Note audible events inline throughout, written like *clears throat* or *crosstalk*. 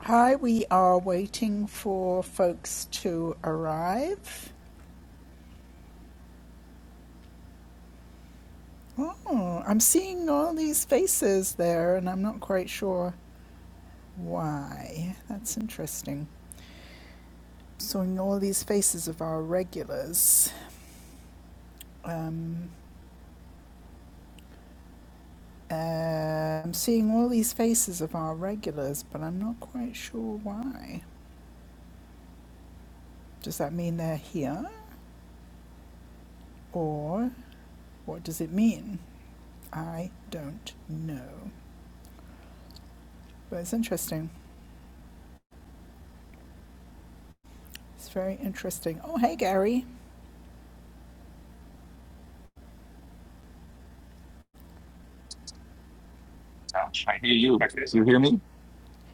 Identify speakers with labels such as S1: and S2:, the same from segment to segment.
S1: Hi, we are waiting for folks to arrive. Oh, I'm seeing all these faces there, and I'm not quite sure why. That's interesting. Seeing all these faces of our regulars. Um, uh, I'm seeing all these faces of our regulars, but I'm not quite sure why. Does that mean they're here? Or what does it mean? I don't know. But it's interesting. It's very interesting. Oh, hey, Gary.
S2: Ouch, I hear you. You hear me?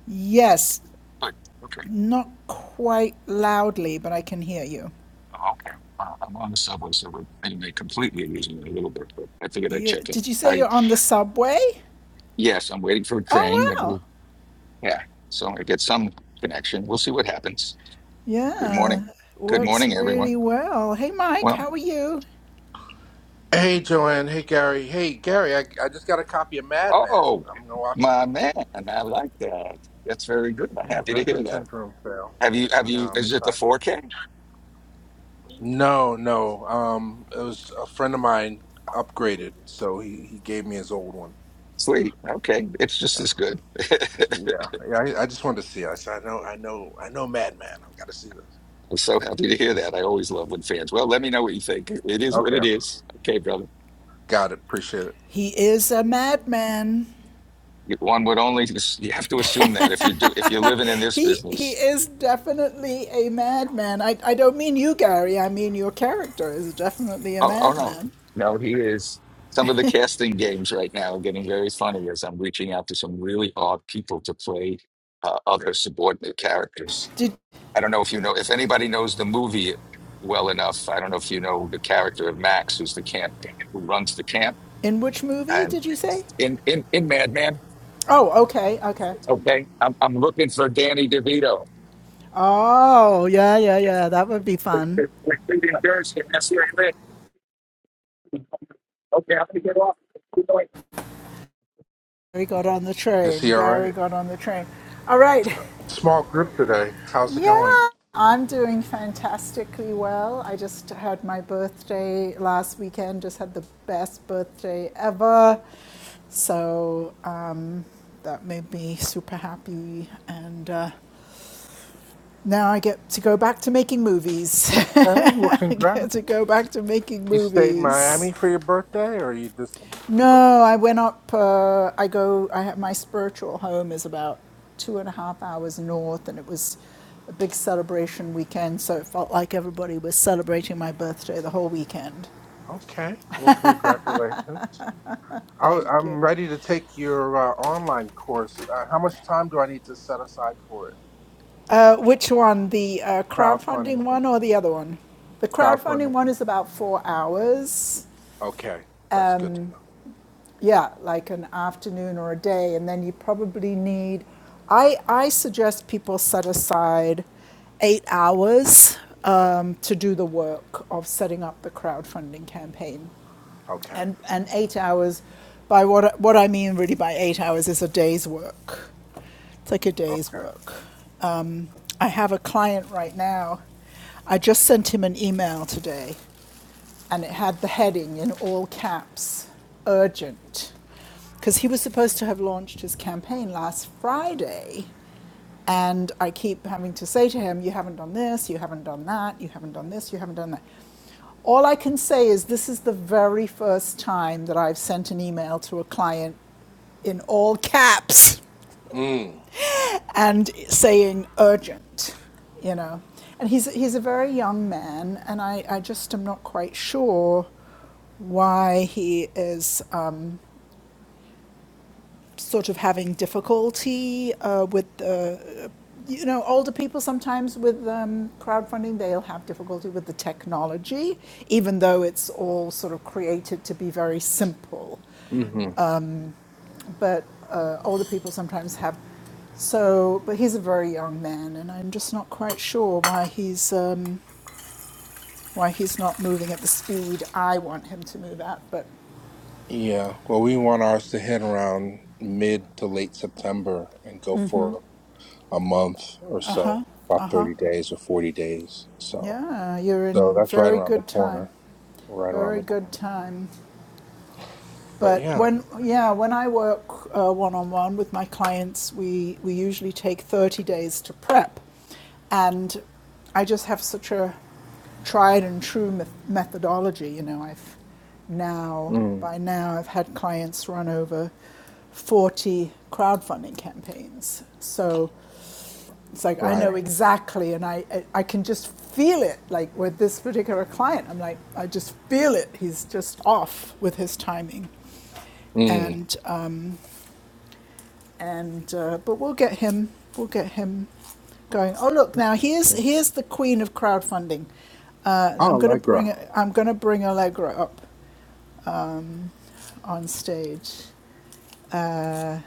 S1: Yes,
S2: Good. Okay.
S1: not quite loudly, but I can hear you.
S2: Oh, okay. Uh, I'm on the subway, so we're anyway completely losing it a little bit, but I figured I'd
S1: You
S2: check in.
S1: did you say
S2: I
S1: you're on the subway?
S2: yes, I'm waiting for a
S1: Oh
S2: train. And
S1: wow.
S2: we'll, yeah, so I get some connection. We'll see what happens. Good morning.
S1: Yeah,
S2: Good
S1: works
S2: morning, everyone.
S1: really well. Hey Mike,
S2: Well,
S1: how are you?
S3: Hey, Joanne. Hey, Gary. Hey, Gary. I, I just got a copy of Mad Men.
S2: oh,
S3: I'm gonna watch it
S2: my
S3: this week.
S2: man, I like that. That's very good. I'm
S3: Yeah,
S2: happy to hear
S3: Vinegar
S2: that.
S3: Syndrome fail.
S2: Have you? Have you?
S3: Yeah, I'm
S2: Is it the
S3: excited.
S2: 4K?
S3: No, no. Um, it was a friend of mine upgraded, so he he gave me his old one.
S2: Sweet. Okay, it's just as good.
S3: Yeah,
S2: *laughs*
S3: yeah. I, I just wanted to see it. I said, I know, I know, I know, Mad Men. I've got to see this.
S2: I'm so happy to hear that. I always love when fans. Well, let me know what you think. It is what
S3: Okay,
S2: it is. Okay, brother.
S3: got it. Appreciate it.
S1: He is a madman.
S2: One would only you have to assume that if you do if you're
S1: *laughs*
S2: living in this
S1: he he
S2: business.
S1: is definitely a madman. I I don't mean you, Gary. I mean your character is definitely a
S2: Oh, oh no,
S1: madman.
S2: no, he is. Some of the casting games right now are getting very funny as I'm reaching out to some really odd people to play uh, other subordinate characters.
S1: Did
S2: I don't know if you know if anybody knows the movie well enough. I don't know if you know the character of Max, who's the camp who runs the camp,
S1: in which movie
S2: and
S1: did you say?
S2: in in in Madman.
S1: Oh, okay, okay.
S2: Okay, I'm, I'm looking for Danny DeVito.
S1: Oh, yeah, yeah, yeah. That would be fun.
S2: Like, Jersey, and that's where I live. Okay, I'm gonna get off. the
S1: Gary got on the
S3: Is
S1: train.
S3: he all right?
S1: Gary got on the train. All right.
S3: Small group today. How's it going?
S1: Yeah, I'm doing fantastically well. I just had my birthday last weekend, just had the best birthday ever. So um, that made me super happy. And uh, now I get to go back to making movies. *laughs*
S3: Okay. Well,
S1: I get
S3: congrats.
S1: to go back to making
S3: You stayed in
S1: movies.
S3: Miami for your birthday, or you did something? special?
S1: No, I went up. Uh, I go. I have my spiritual home is about two and a half hours north, and it was a big celebration weekend. So it felt like everybody was celebrating my birthday the whole weekend.
S3: Okay. Well, congratulations. I,
S1: Thank you.
S3: I'm ready to take your uh, online course. Uh, how much time do I need to set aside for it?
S1: Uh, which one, the uh,
S3: Crowdfunding.
S1: crowdfunding one or the other one? The crowdfunding
S3: Crowdfunding.
S1: one is about four hours.
S3: Okay. That's good to know.
S1: yeah, like an afternoon or a day, and then you probably need. I I suggest people set aside eight hours um, to do the work of setting up the crowdfunding campaign,
S3: Okay.
S1: and and eight hours. By what what I mean really by eight hours is a day's work. It's like a day's
S3: Okay.
S1: work. Um, I have a client right now. I just sent him an email today and it had the heading in all caps urgent. Because he was supposed to have launched his campaign last Friday. And I keep having to say to him, You haven't done this, you haven't done that, you haven't done this, you haven't done that. All I can say is this is the very first time that I've sent an email to a client in all caps
S3: Mm.
S1: and saying urgent, you know. And he's, he's a very young man, and I, I just am not quite sure why he is um, sort of having difficulty uh, with the, uh, you know, older people sometimes with um, crowdfunding, they'll have difficulty with the technology, even though it's all sort of created to be very simple.
S3: hmm
S1: but uh, older people sometimes have. So, but he's a very young man, and I'm just not quite sure why he's um, why he's not moving at the speed I want him to move at. But
S3: Yeah. Well, we want ours to hit around mid to late September and go for a month or so,
S1: uh
S3: about
S1: huh,
S3: 30 days or 40 days. So,
S1: yeah, you're
S3: so
S1: in
S3: that's right
S1: very
S3: around the
S1: good time,
S3: corner. Right around
S1: very
S3: the
S1: good
S3: corner.
S1: time.
S3: But
S1: But
S3: yeah.
S1: when, yeah, when I work one on one with my clients, we, we usually take 30 days to prep. And I just have such a tried and true meth- methodology. You know, I've now,
S3: Mm.
S1: by now, I've had clients run over 40 crowdfunding campaigns. So it's like I
S3: Right.
S1: know exactly, and I, I, I can just feel it. Like with this particular client, I'm like, I just feel it. He's just off with his timing
S3: Mm.
S1: and um, and uh, but we'll get him we'll get him going. Oh look, now here's here's the queen of crowdfunding. Uh,
S3: Oh,
S1: I'm gonna
S3: Allegra.
S1: bring I'm gonna bring Allegra up on stage. Uh,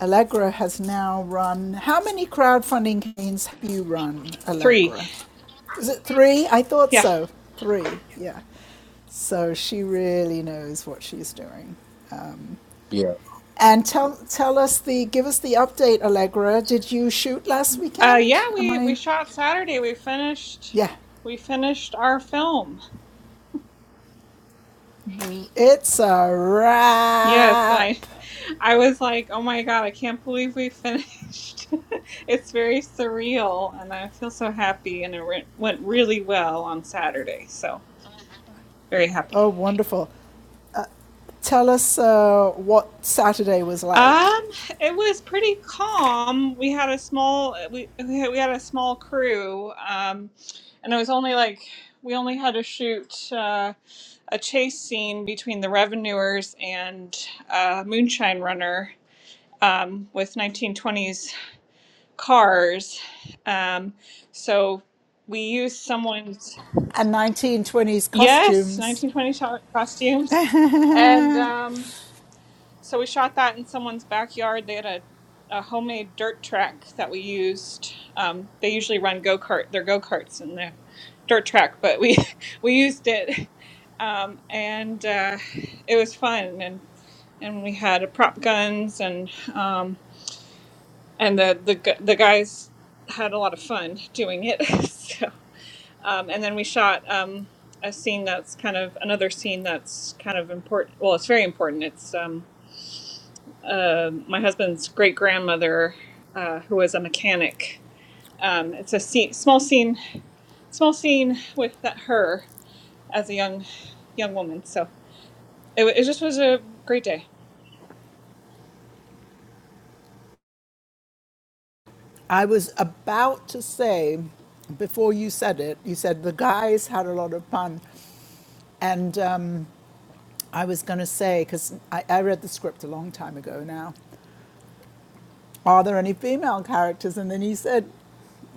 S1: Allegra has now run. How many crowdfunding campaigns have you run,
S4: Three.
S1: Allegra? Is it three? I thought
S4: Yeah.
S1: so. Three, yeah. So she really knows what she's doing.
S3: Yeah.
S1: And tell tell us the give us the update, Allegra. Did you shoot last
S4: Uh yeah,
S1: weekend? Am
S4: we
S1: I?
S4: we shot Saturday. We finished
S1: Yeah,
S4: we finished our film.
S1: it's a
S4: Yes,
S1: wrap.
S4: I I was like, "Oh my God, I can't believe we finished." *laughs* it's very surreal and I feel so happy and it re- went really well on Saturday. So, very happy.
S1: Oh, wonderful. Tell us uh, what Saturday was like
S4: Um, it was pretty calm. We had a small we we had we had a small crew um and it was only like we only had to shoot Uh, a chase scene between the revenuers and uh, moonshine runner um, with 1920s cars um, so we used someone's
S1: and 1920s
S4: yes
S1: costumes.
S4: 1920s costumes and um, So we shot that in someone's backyard. They had a, a homemade dirt track that we used. Um, they usually run go kart, their go karts in the dirt track, but we *laughs* we used it, um, and uh, it was fun. And and we had a prop guns, and um, and the the gu- the guys had a lot of fun doing it. *laughs* so um, and then we shot. Um, a scene that's kind of another scene that's kind of important. Well, it's very important. It's um, um my husband's great grandmother, uh, who was a mechanic. Um, it's a scene, small scene, small scene with that, her as a young young woman. So it, it just was a great day.
S1: I was about to say before you said it. You said the guys had a lot of fun, and um, I was going to say because I, I read the script a long time ago now are there any female characters? And then you said,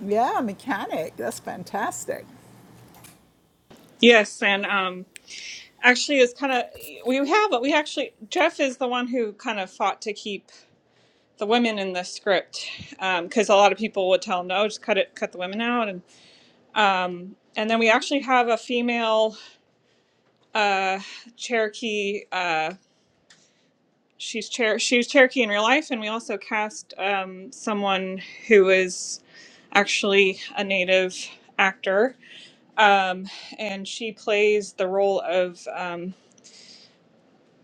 S1: Yeah, mechanic. That's fantastic.
S4: Yes, and um, actually, it's kind of we have we actually Jeff is the one who kind of fought to keep the women in the script because a lot of people would tell him no, just cut it, cut the women out, and um, and then we actually have a female uh, Cherokee. Uh, She's Cher- she's Cherokee in real life, and we also cast um, someone who is actually a native actor, um, and she plays the role of um,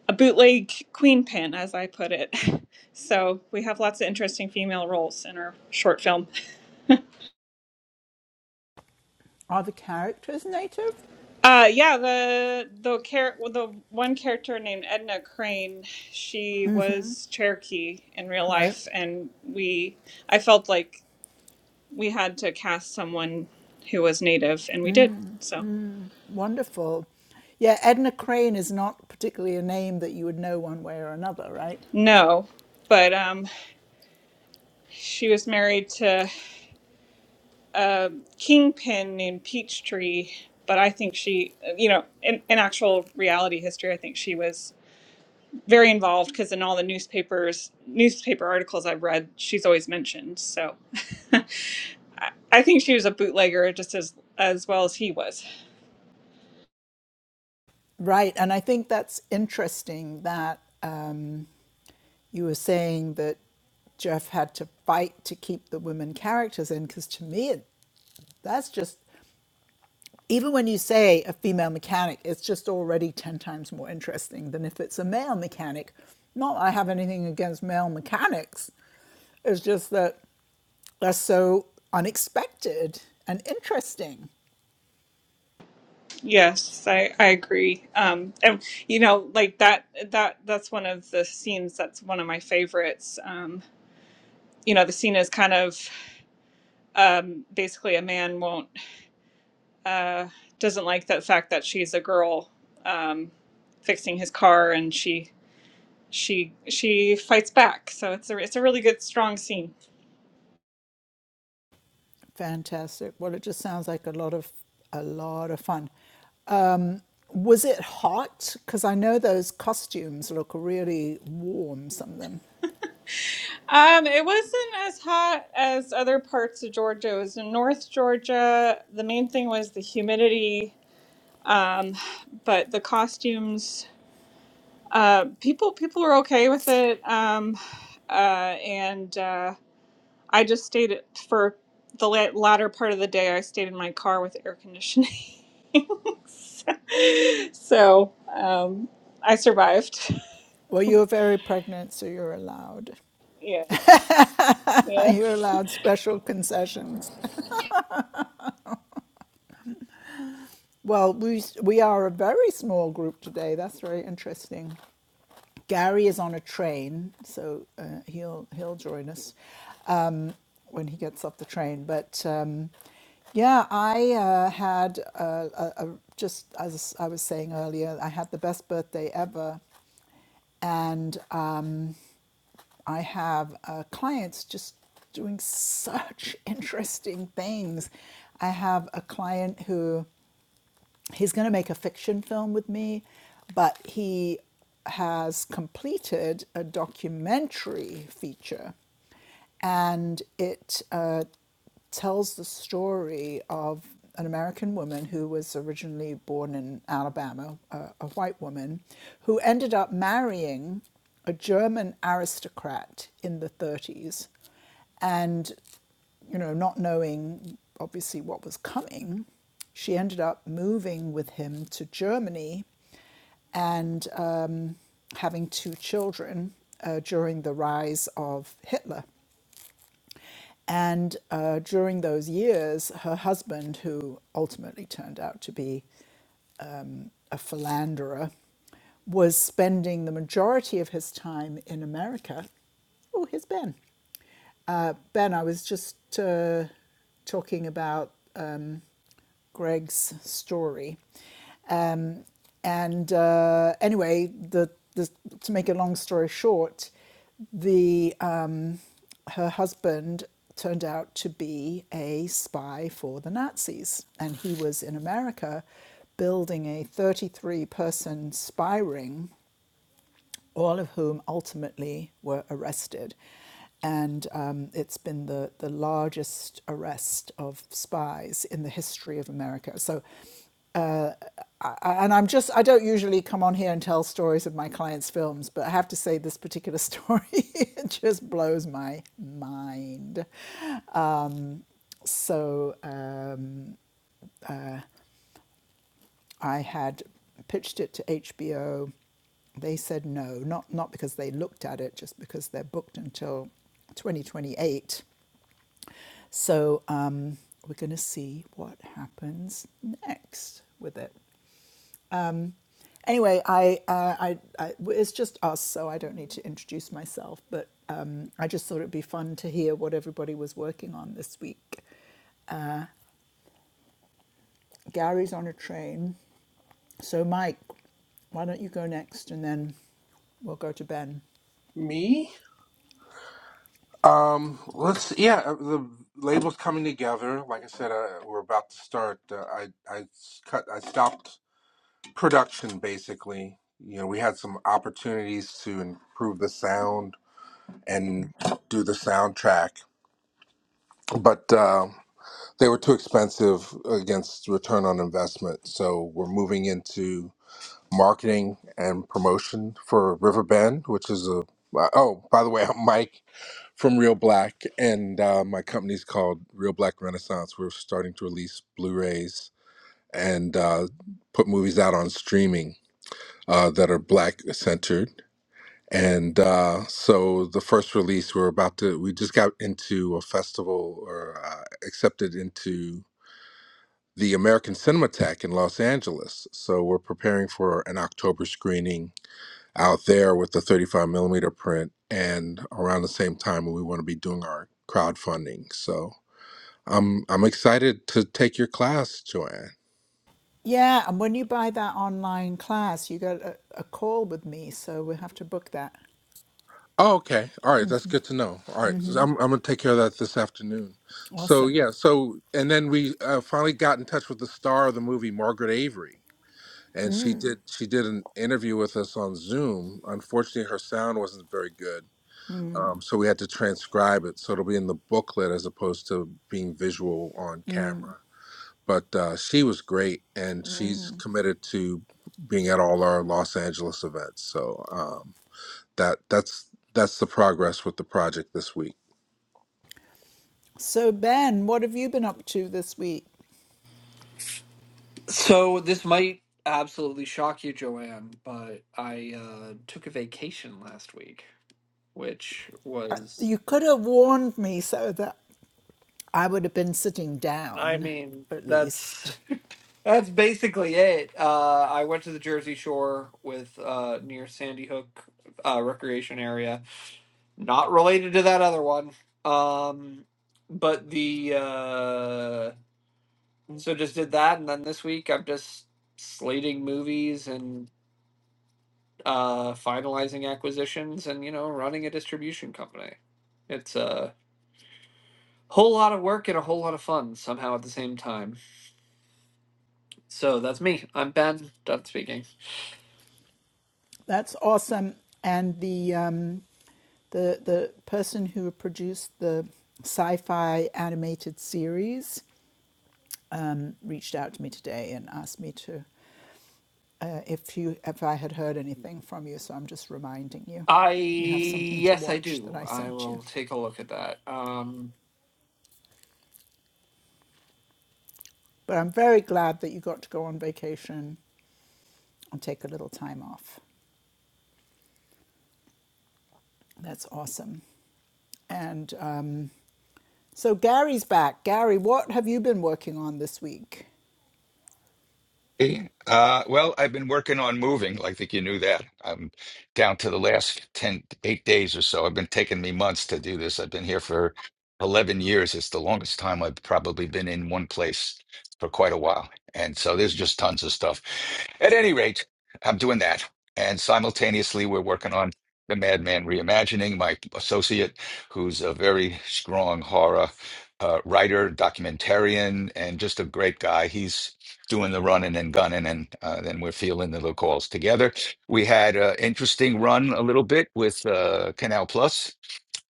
S4: a bootleg queen pin, as I put it. *laughs* So we have lots of interesting female roles in our short film.
S1: Are the characters native?
S4: Uh, yeah, the the char- well, the one character named Edna Crane, she was Cherokee in real
S1: Right.
S4: life, and we I felt like we had to cast someone who was native and we did so
S1: Wonderful. Yeah, Edna Crane is not particularly a name that you would know one way or another, right?
S4: no but um she was married to a kingpin named peachtree but i think she you know in, in actual reality history i think she was very involved because in all the newspapers newspaper articles i've read she's always mentioned so *laughs* I, I think she was a bootlegger just as as well as he was
S1: Right. And I think that's interesting that um, you were saying that Jeff had to fight to keep the women characters in, because to me, it, that's just even when you say a female mechanic, it's just already 10 times more interesting than if it's a male mechanic. Not that I have anything against male mechanics, it's just that they're so unexpected and interesting.
S4: Yes, I, I agree. Um, and you know, like that that that's one of the scenes that's one of my favorites. Um, you know, the scene is kind of um, basically a man won't uh, doesn't like the fact that she's a girl um, fixing his car, and she she she fights back. So it's a it's a really good strong scene.
S1: Fantastic. Well, it just sounds like a lot of a lot of fun. Was it hot? Because I know those costumes look really warm, some of them.
S4: Um, it wasn't as hot as other parts of Georgia. It was in North Georgia. The main thing was the humidity Um, but the costumes, uh, people people were okay with it, um, uh, and uh, I just stayed at- for the la- latter part of the day. I stayed in my car with air conditioning, *laughs* so um, I survived. *laughs*
S1: Well, you're very pregnant, so you're allowed.
S4: Yeah,
S1: *laughs*
S4: yeah.
S1: You're allowed special concessions. Well, we, we are a very small group today. That's very interesting. Gary is on a train, so uh, he'll he'll join us when he gets off the train. But um, yeah, I uh, had uh a, a, just as I was saying earlier, I had the best birthday ever, and um, I have uh, clients just doing such *laughs* interesting things. I have a client who he's going to make a fiction film with me, but he has completed a documentary feature, and it uh, tells the story of an American woman who was originally born in Alabama, uh, a white woman, who ended up marrying a German aristocrat in the 30s. And you know, not knowing obviously what was coming, she ended up moving with him to Germany and um, having two children uh, during the rise of Hitler. And uh, during those years, her husband, who ultimately turned out to be a philanderer, was spending the majority of his time in America. Oh, here's Ben. Uh, ben, I was just uh, talking about um, Greg's story. Um, and uh, anyway, the, the, to make a long story short, the, um, her husband turned out to be a spy for the Nazis. And he was in America building a 33 person spy ring all of whom ultimately were arrested. And um, it's been the, the largest arrest of spies in the history of America. So, I, and I'm just, I don't usually come on here and tell stories of my clients' films, but I have to say this particular story *laughs* it just blows my mind. So, um, I had pitched it to HBO they said no, not not because they looked at it, just because they're booked until 2028. So um, we're going to see what happens next with it. Anyway, I, uh, I, I, it's just us, so I don't need to introduce myself, but um, I just thought it'd be fun to hear what everybody was working on this week. Gary's on a train. So, Mike, why don't you go next and then we'll go to Ben?
S3: Me? Um, let's, yeah, uh, the label's coming together. Like I said, uh, we're about to start. Uh, I, I s- cut, I stopped production basically. You know, we had some opportunities to improve the sound and do the soundtrack, but uh, they were too expensive against return on investment. So we're moving into marketing and promotion for River Bend, which is a, uh, oh, by the way, *laughs* I'm Mike from Real Black, and uh, my company's called Real Black Renaissance. We're starting to release Blu-rays and uh, put movies out on streaming uh, that are Black centered. And uh, so the first release, we're about to, we just got into a festival or uh, accepted into the American Cinematheque in Los Angeles. So we're preparing for an October screening out there with the 35 millimeter print and around the same time we want to be doing our crowdfunding so i'm i'm excited to take your class joanne
S1: Yeah, and when you buy that online class, you get a, a call with me, so we'll have to book that.
S3: oh okay all right that's good to know all right so i'm, I'm gonna take care of that this afternoon so
S1: Awesome.
S3: yeah so and then we uh, finally got in touch with the star of the movie margaret avery and she did she did an interview with us on zoom unfortunately her sound wasn't very good Um, so we had to transcribe it. So it'll be in the booklet as opposed to being visual on camera. But uh, she was great, and she's committed to being at all our Los Angeles events. So um, that that's that's the progress with the project this week.
S1: So, Ben, what have you been up to this week?
S5: So this might absolutely shock you, Joanne, but I uh, took a vacation last week, which was,
S1: You could have warned me so that I would have been sitting
S5: I
S1: down,
S5: mean,
S1: at
S5: that's
S1: least.
S5: that's basically it. Uh, I went to the Jersey Shore with uh, near Sandy Hook uh, recreation area, not related to that other one. Um, but the uh, so just did that, and then this week I'm just slating movies and uh, finalizing acquisitions, and you know, running a distribution company. It's a whole lot of work and a whole lot of fun somehow at the same time. So that's me. I'm Ben. Done speaking.
S1: That's awesome. And the um, the the person who produced the sci-fi animated series um, reached out to me today and asked me to uh, if you if I had heard anything from you. So I'm just reminding you,
S5: I
S1: you have something to
S5: yes, I
S1: watch that
S5: do.
S1: I
S5: I
S1: sent you.
S5: will take a look at that. Um,
S1: But I'm very glad that you got to go on vacation and take a little time off. That's awesome. And um, so Gary's back. Gary, what have you been working on this week?
S2: Hey, Uh, well, I've been working on moving. I think you knew that. I'm down to the last ten, eight days or so. I've been taking me months to do this. I've been here for 11 years. It's the longest time I've probably been in one place for quite a while. And so there's just tons of stuff. At any rate, I'm doing that. And simultaneously, we're working on The Madman Reimagining, my associate, who's a very strong horror uh, writer, documentarian, and just a great guy. He's doing the running and gunning, and uh, then we're fielding the little calls together. We had an interesting run a little bit with uh, Canal Plus,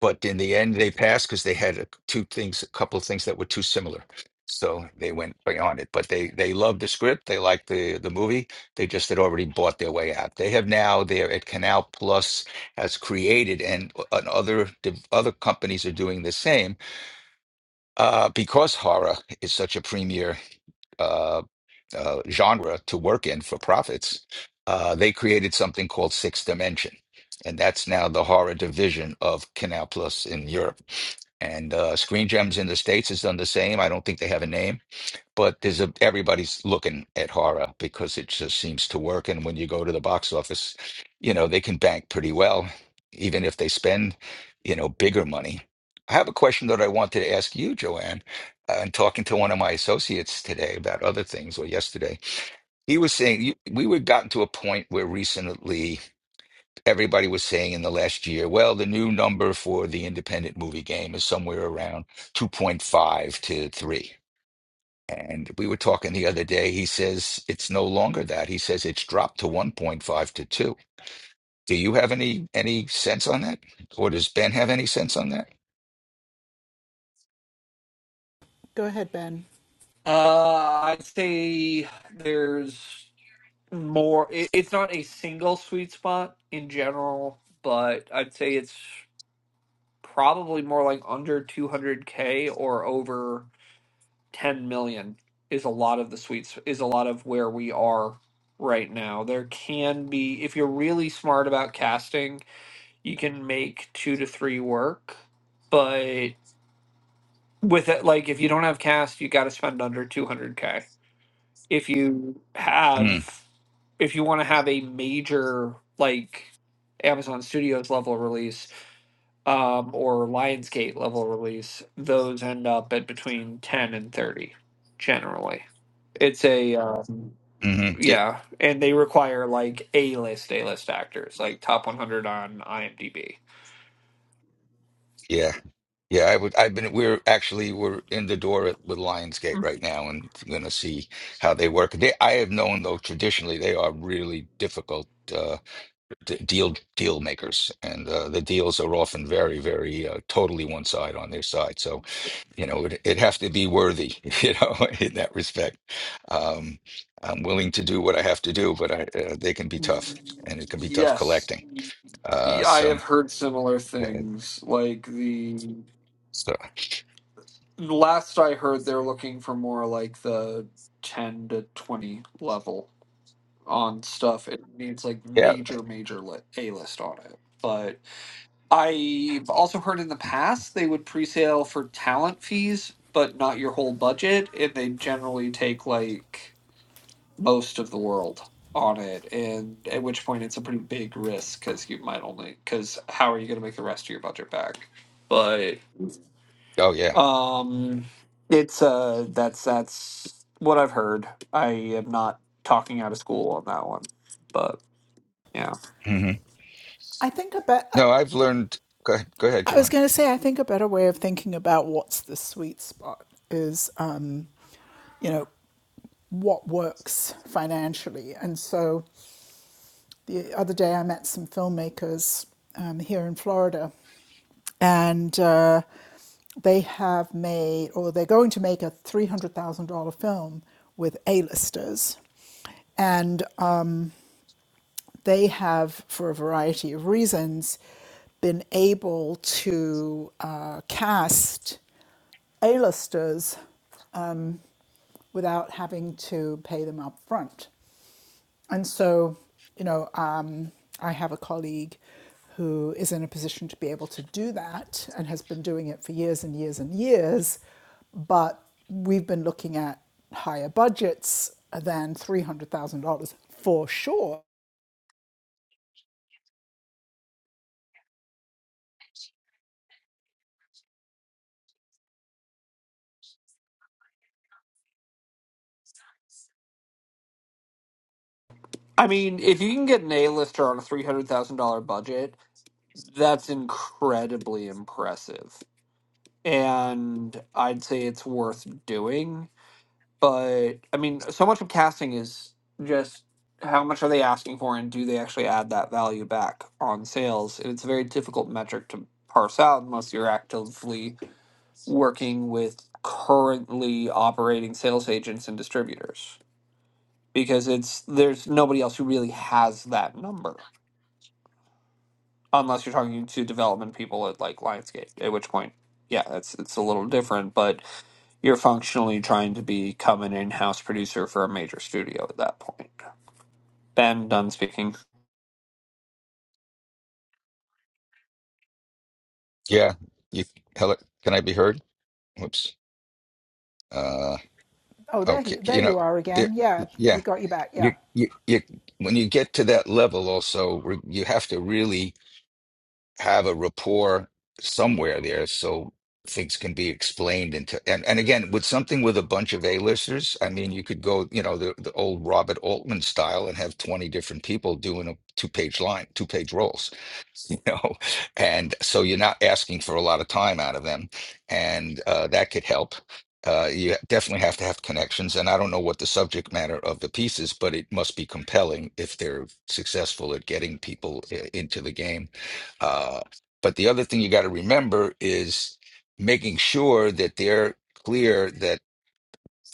S2: but in the end, they passed because they had a, two things, a couple of things that were too similar. So they went beyond it, but they they loved the script. They liked the the movie. They just had already bought their way out. They have now. They're at Canal Plus has created, and, uh, and other div- other companies are doing the same uh, because horror is such a premier. uh, uh, genre to work in for profits, uh, they created something called Sixth Dimension. And that's now the horror division of Canal Plus in Europe. And uh, Screen Gems in the States has done the same. I don't think they have a name but there's a everybody's looking at horror because it just seems to work. And when you go to the box office, you know, they can bank pretty well, even if they spend, you know, bigger money. I have a question that I wanted to ask you, Joanne. Uh, and talking to one of my associates today about other things, or yesterday, he was saying you, we were gotten to a point where recently everybody was saying in the last year, well, the new number for the independent movie game is somewhere around 2.5 to 3 and we were talking the other day. He says it's no longer that. He says it's dropped to 1.5 to 2. Do you have any any sense on that? Or does Ben have any sense on that?
S1: Go ahead, Ben.
S5: uh, I'd say there's more. It, it's not a single sweet spot in general, but I'd say it's probably more like under 200k or over 10 million is a lot of the sweets is a lot of where we are right now there can be if you're really smart about casting you can make two to three work but with it like if you don't have cast you got to spend under 200k if you
S2: Mm,
S5: have if you want to have a major like amazon studios level release um, or Lionsgate level release, those end up at between 10 and 30 generally. It's a, um,
S2: mm-hmm.
S5: yeah, and they require like A list, A list actors, like top 100 on IMDb.
S2: Yeah. Yeah, I would I've been we're actually we're in the door at, with Lionsgate right now and gonna see how they work. They I have known though traditionally they are really difficult uh d- deal deal makers and uh the deals are often very very uh, totally one side on their side. So. you know it, it have to be worthy *laughs* you know in that respect um i'm willing to do what i have to do but i uh, they can be tough and it can be tough
S5: Yes.
S2: collecting uh
S5: Yeah, I
S2: so
S5: have heard similar things. Like the
S2: so
S5: last I heard, they're looking for more like the 10 to 20 level on stuff. It needs like
S2: yeah
S5: major, major li- A list on it. But I've also heard in the past they would pre-sale for talent fees, but not your whole budget, and they generally take like most of the world on it, and at which point it's a pretty big risk because you might only because how are you going to make the rest of your budget back? But
S2: oh yeah
S5: um, it's uh that's that's what I've heard. I am not talking out of school on that one, but yeah.
S2: hmm
S1: I think about.
S2: no i've learned go ahead, go ahead
S1: I was
S2: Joanne.
S1: going to say, I think a better way of thinking about what's the sweet spot is, um, you know, what works financially. And so the other day I met some filmmakers um, here in Florida and uh, they have made or they're going to make a $300,000 film with A-listers. And they have, for a variety of reasons, been able to uh, cast A-listers without having to pay them up front. And so, you know, um, I have a colleague who is in a position to be able to do that and has been doing it for years and years and years. But we've been looking at higher budgets than $300,000 for sure
S5: I mean, if you can get an A-lister on a three hundred thousand dollar budget That's incredibly impressive. And I'd say it's worth doing. But I mean, so much of casting is just how much are they asking for and do they actually add that value back on sales? And it's a very difficult metric to parse out unless you're actively working with currently operating sales agents and distributors because it's there's nobody else who really has that number. unless you're talking to development people at like Lionsgate, at which point, yeah, that's it's a little different, but you're functionally trying to become an in-house producer for a major studio at that point. Ben Dunn speaking.
S2: yeah you hello can i be heard whoops uh
S1: Oh, there,
S2: okay
S1: he, there
S2: you know
S1: you are again.
S2: it,
S1: Yeah,
S2: yeah
S1: we got you back.
S2: you,
S1: Yeah.
S2: you you when you get to that level also re- you have to really have a rapport somewhere there so things can be explained into and, and again with something with a bunch of A-listers, I mean you could go, you know, the, the old Robert Altman style and have 20 different people doing a two-page line, two-page rolls you know *laughs* and so you're not asking for a lot of time out of them and uh, that could help uh, you definitely have to have connections and i don't know what the subject matter of the piece is but it must be compelling if they're successful at getting people i- into the game uh, but the other thing you got to remember is making sure that they're clear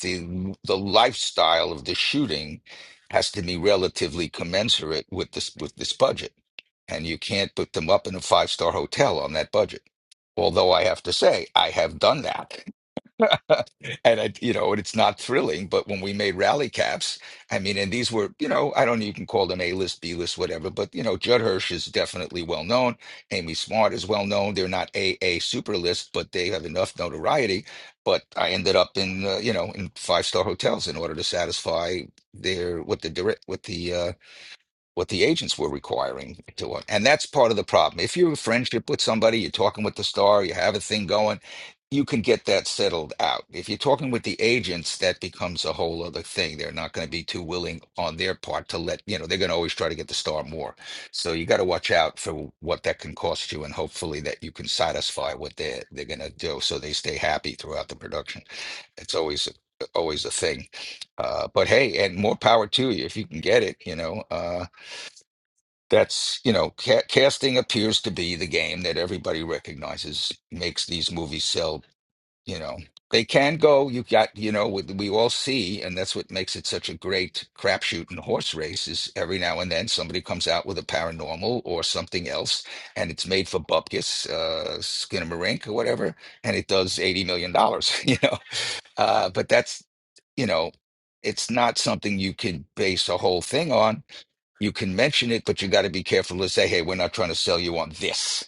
S2: the the lifestyle of the shooting has to be relatively commensurate with this with this budget and you can't put them up in a five star hotel on that budget although i have to say i have done that *laughs* And I, you know, and it's not thrilling, but when we made rally caps, I mean, and these were, you know, I don't even call them A-list, B-list, whatever, but you know, Judd Hirsch is definitely well known. Amy Smart is well known. They're not A A super list, but they have enough notoriety. But I ended up in, uh, you know, in five-star hotels in order to satisfy their what the direct what the uh what the agents were requiring to want. And that's part of the problem. If you're in friendship with somebody, you're talking with the star, you have a thing going, you can get that settled out. If you're talking with the agents, that becomes a whole other thing. They're not going to be too willing on their part to let, you know, they're going to always try to get the star more. So you got to watch out for what that can cost you and hopefully that you can satisfy what they're they're going to do so they stay happy throughout the production. It's always always a thing. Uh, but hey, and more power to you if you can get it, you know. Uh, that's you know ca- casting appears to be the game that everybody recognizes makes these movies sell you know they can go you got you know we, we all see and that's what makes it such a great crapshoot in a horse race is every now and then somebody comes out with a paranormal or something else and it's made for bupkis uh skinamarink or whatever and it does 80 million dollars *laughs* you know uh but that's you know it's not something you could base a whole thing on you can mention it, but you got to be careful to say, "Hey, we're not trying to sell you on this."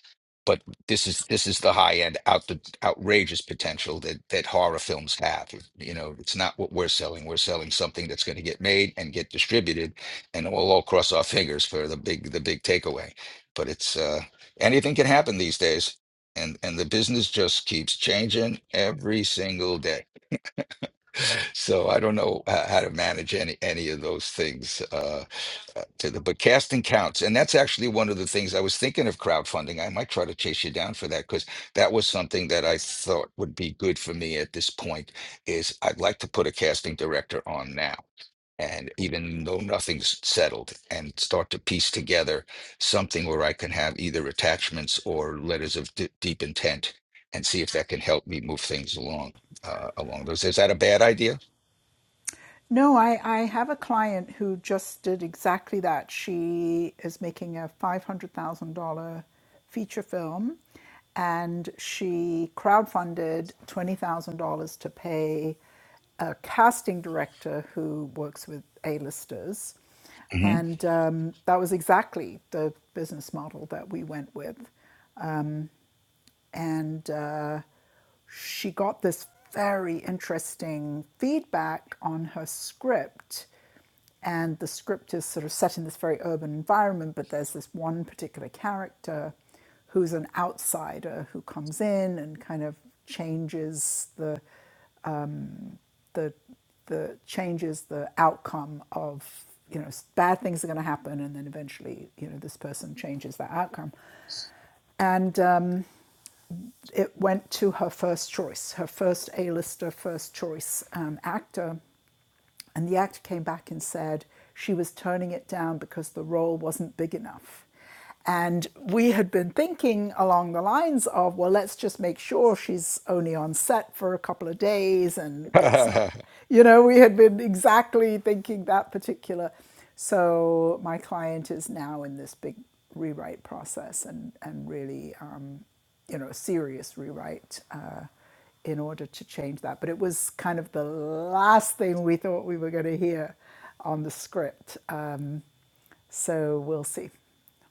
S2: But this is this is the high end, out the outrageous potential that that horror films have. You know, it's not what we're selling. We're selling something that's going to get made and get distributed, and we'll all cross our fingers for the big the big takeaway. But it's uh, anything can happen these days, and and the business just keeps changing every single day. So I don't know h- how to manage any any of those things. Uh, uh, to the but casting counts and that's actually one of the things i was thinking of crowdfunding i might try to chase you down for that because that was something that i thought would be good for me at this point is i'd like to put a casting director on now and even though nothing's settled and start to piece together something where i can have either attachments or letters of d- deep intent and see if that can help me move things along uh, along those is that a bad idea
S1: No, I, I have a client who just did exactly that. She is making a $500,000 feature film and she crowdfunded $20,000 to pay a casting director who works with A-listers.
S2: hmm
S1: And um, that was exactly the business model that we went with. And uh, she got this very interesting feedback on her script. And the script is sort of set in this very urban environment, but there's this one particular character who's an outsider who comes in and kind of changes the the the changes the outcome of you know bad things are going to happen and then eventually you know this person changes that outcome and um, it went to her first choice, her first A-lister, first choice um, actor, and the actor came back and said she was turning it down because the role wasn't big enough. And we had been thinking along the lines of, well, let's just make sure she's only on set for a couple of days and it's not,
S2: *laughs*
S1: you know, we had been exactly thinking that particular. So my client is now in this big rewrite process and, and really, um, you know, serious rewrite. Uh, in order to change that. But it was kind of the last thing we thought we were going to hear on the script. Uh, so we'll see.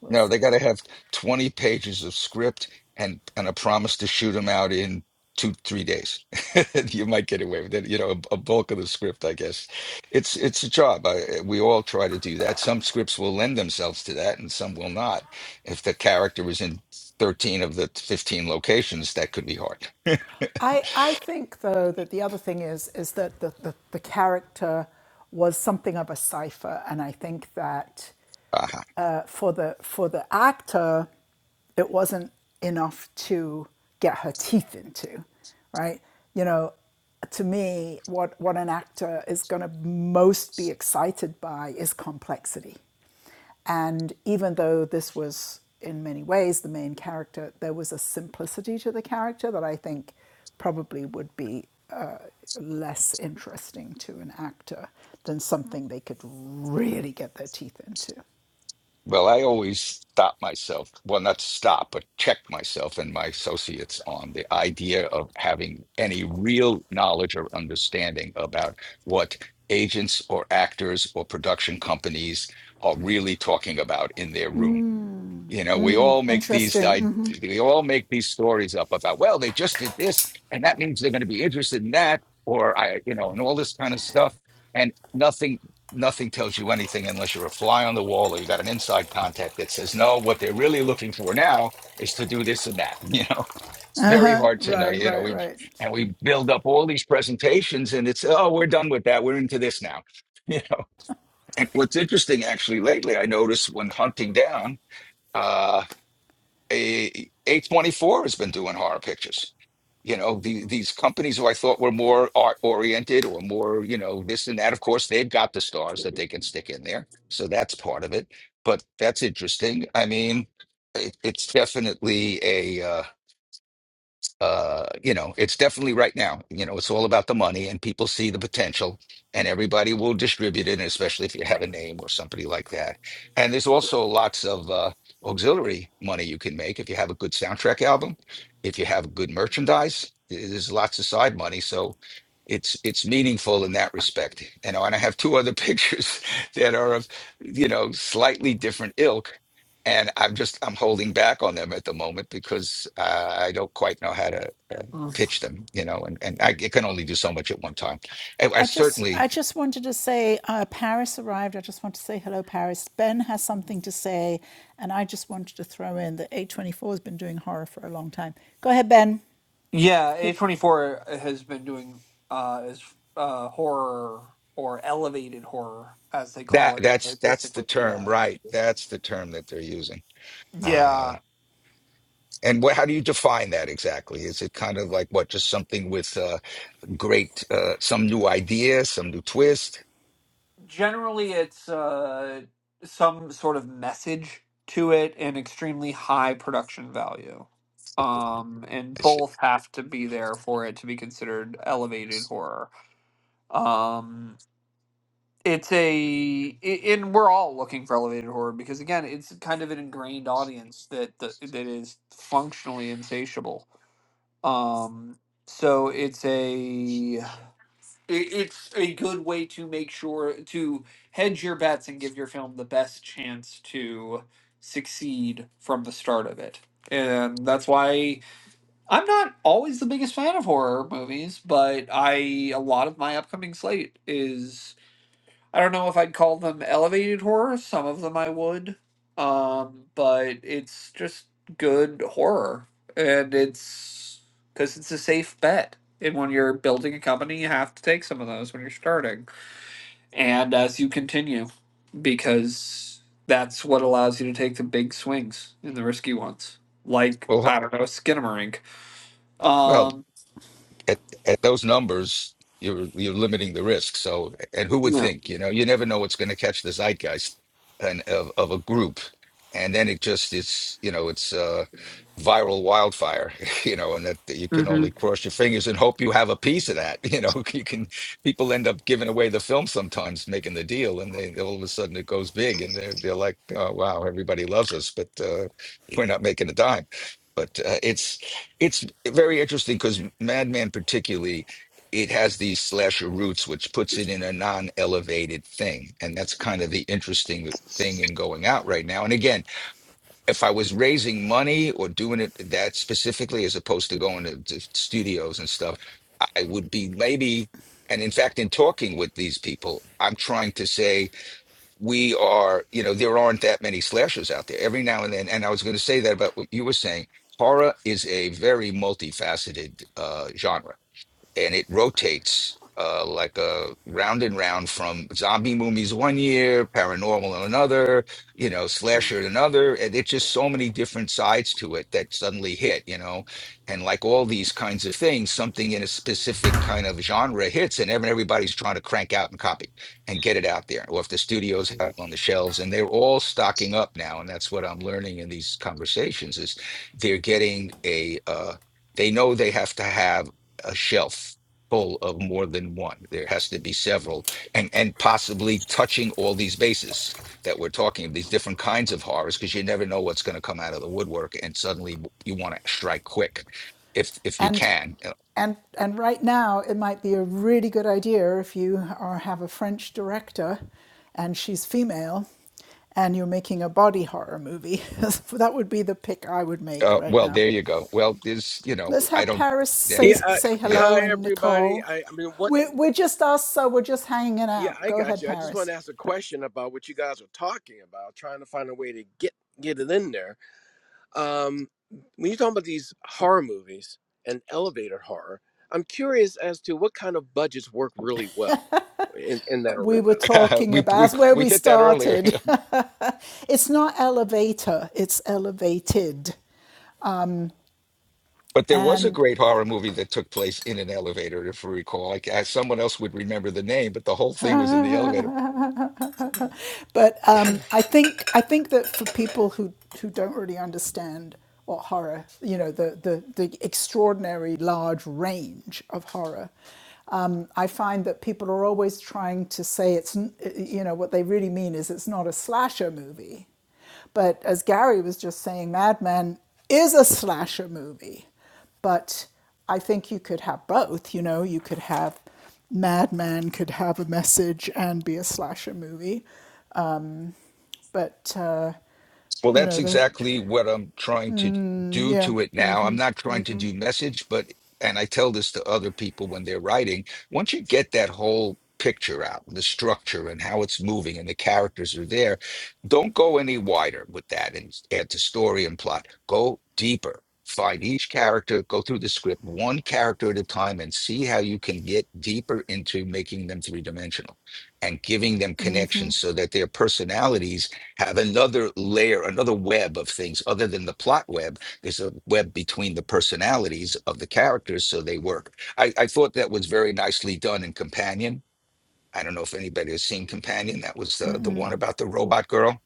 S1: We'll
S2: No, they
S1: see.
S2: got to have 20 pages of script and and a promise to shoot them out in two, three days. *laughs* You might get away with it, you know, a, a bulk of the script, I guess. It's it's a job. I, we all try to do that. Some scripts will lend themselves to that, and some will not. If the character is in 13 of the 15 locations, that could be hard.
S1: I, I think, though, that the other thing is, is that the, the, the character was something of a cipher. And I think that uh, for the for the actor, it wasn't enough to get her teeth into, right? You know, to me, what what an actor is going to most be excited by is complexity. And even though this was in many ways the main character, there was a simplicity to the character that I think probably would be uh, less interesting to an actor than something they could really get their teeth into.
S2: Well, I always stop myself. Well, not stop, but check myself and my associates on the idea of having any real knowledge or understanding about what agents or actors or production companies are really talking about in their room. You know, we all make these
S1: Interesting.
S2: I,
S1: hmm
S2: we all make these stories up about, well, they just did this, and that means they're going to be interested in that, or I, you know, and all this kind of stuff. And nothing, nothing tells you anything unless you're a fly on the wall or you got an inside contact that says, no, what they're really looking for now is to do this and that. *laughs* You know, it's very hard to know.
S1: Right,
S2: You know,
S1: right,
S2: we
S1: right.
S2: and we build up all these presentations, and it's oh, we're done with that. We're into this now. *laughs* You know, and what's interesting actually lately, I noticed when hunting down. uh, a A24 has been doing horror pictures. You know, the, these companies who I thought were more art oriented or more, you know, this and that. Of course, they've got the stars that they can stick in there. So that's part of it. But that's interesting. I mean, it, it's definitely a. uh, uh you know it's definitely right now you know it's all about the money and people see the potential and everybody will distribute it especially if you have a name or somebody like that and there's also lots of uh auxiliary money you can make if you have a good soundtrack album if you have good merchandise th- there's lots of side money so it's it's meaningful in that respect you know and i have two other *laughs* pictures that are of you know slightly different ilk and I'm just I'm holding back on them at the moment because uh, I don't quite know how to
S5: Mm.
S2: pitch them, you know, and, and I it can only do so much at one time. I, I
S1: I just,
S2: certainly
S1: I just wanted to say, uh, Paris arrived. I just want to say hello, Paris. Ben has something to say, and I just wanted to throw in that A24 has been doing horror for a long time. Go ahead, Ben.
S5: Yeah,
S1: Hey,
S5: A24 has been doing uh is uh horror or elevated horror as they call
S2: that
S5: it. They
S2: that's that's the
S5: basically,
S2: term,
S5: yeah.
S2: right? That's the term that they're using. Uh,
S5: Yeah,
S2: and what, how do you define that exactly? Is it kind of like what, just something with uh, great, uh, some new idea, some new twist?
S5: Generally, it's uh, some sort of message to it and extremely high production value. Um, and
S2: I said,
S5: both have to be there for it to be considered elevated horror. Um, it's a, i- and we're all looking for elevated horror because again, it's kind of an ingrained audience that that, that is functionally insatiable. Um, so it's a it, it's a good way to make sure to hedge your bets and give your film the best chance to succeed from the start of it. And that's why I'm not always the biggest fan of horror movies, but I a lot of my upcoming slate is I don't know if I'd call them elevated horror. Some of them I would. Um, but it's just good horror. And it's because it's a safe bet. And when you're building a company, you have to take some of those when you're starting. And as you continue, because that's what allows you to take the big swings in the risky ones. Like,
S2: Well,
S5: I
S2: h-
S5: don't know, Skinamarink.
S2: well,
S5: Um,
S2: at at those numbers, you're you're limiting the risk. So, and who would
S5: yeah.
S2: think? You know, you never know what's going to catch the zeitgeist and of of a group, and then it just it's you know it's uh, viral wildfire. *laughs* You know, and that, you can
S5: hmm
S2: only cross your fingers and hope you have a piece of that. *laughs* You know, you can people end up giving away the film sometimes, making the deal, and they all of a sudden it goes big, and they're they're like, oh wow, everybody loves us, but uh, we're not making a dime but uh, it's it's very interesting because Madman particularly it has these slasher roots, which puts it in a non-elevated thing, and that's kind of the interesting thing in going out right now. And again, if I was raising money or doing it that specifically, as opposed to going to, to studios and stuff, I would be maybe. And in fact, in talking with these people, I'm trying to say we are, you know, there aren't that many slashers out there. Every now and then, and I was going to say that about what you were saying. Horror is a very multifaceted uh, genre and it rotates uh, like a round and round from zombie movies one year, paranormal another, you know, slasher another, and it's just so many different sides to it that suddenly hit, you know, and like all these kinds of things, something in a specific kind of genre hits, and every- everybody's trying to crank out and copy and get it out there, or if the studios have it on the shelves, and they're all stocking up now, and that's what I'm learning in these conversations is they're getting a uh, they know they have to have a shelf full of more than one. There has to be several, and and possibly touching all these bases that we're talking of, these different kinds of horrors, because you never know what's going to come out of the woodwork, and suddenly you want to strike quick, if if you
S1: and
S2: can. Uh,
S1: and and right now, it might be a really good idea if you are have a French director, and she's female, and you're making a body horror movie. *laughs* that would be the pick I would make
S2: uh,
S1: right
S2: well,
S1: now.
S2: there you go. Well, there's you know
S1: Let's
S2: I
S1: have
S2: don't.
S1: Paris
S2: Yeah,
S1: say
S6: Yeah. I,
S1: say
S2: yeah.
S1: hello
S6: hi,
S1: and
S6: everybody.
S1: Nicole.
S6: I, I mean, what?
S1: We're, we're just us, so we're just hanging
S6: Yeah,
S1: out.
S6: I
S1: Go
S6: got
S1: ahead,
S6: you. I just want
S1: Paris.
S6: to ask a question about what you guys were talking about, trying to find a way to get get it in there. Um, when you're talking about these horror movies and elevator horror, I'm curious as to what kind of budgets work really well in, in that
S1: We
S6: arena.
S1: were
S2: *laughs*
S1: talking
S2: we
S1: about
S2: we
S1: that's where
S2: we
S1: we
S2: hit that earlier, *laughs*
S1: started. *laughs* it's not elevator, it's elevated.
S2: but there was a
S1: And
S2: great horror movie that took place in an elevator, if we recall. Like, I, someone else would remember the name, but the whole thing was in the elevator.
S1: but um, I think I think that for people who who don't really understand what horror, you know, the the, the extraordinary large range of horror. Um, I find that people are always trying to say it's, you know, what they really mean is it's not a slasher movie. But as Gary was just saying, Mad Men is a slasher movie. But I think you could have both. You know, you could have Mad Men could have a message and be a slasher movie, but uh,
S2: Well,
S1: you
S2: that's
S1: know the
S2: exactly what I'm trying to do
S1: yeah
S2: to it now. I'm not trying to do message, but, and I tell this to other people when they're writing, once you get that whole picture out, the structure and how it's moving and the characters are there, don't go any wider with that and add to story and plot. Go deeper. Find each character, go through the script one character at a time and see how you can get deeper into making them three dimensional and giving them connections so that their personalities have another layer, another web of things other than the plot web. There's a web between the personalities of the characters, so they work. I, I thought that was very nicely done in Companion. I don't know if anybody has seen Companion. That was the, the one about the robot girl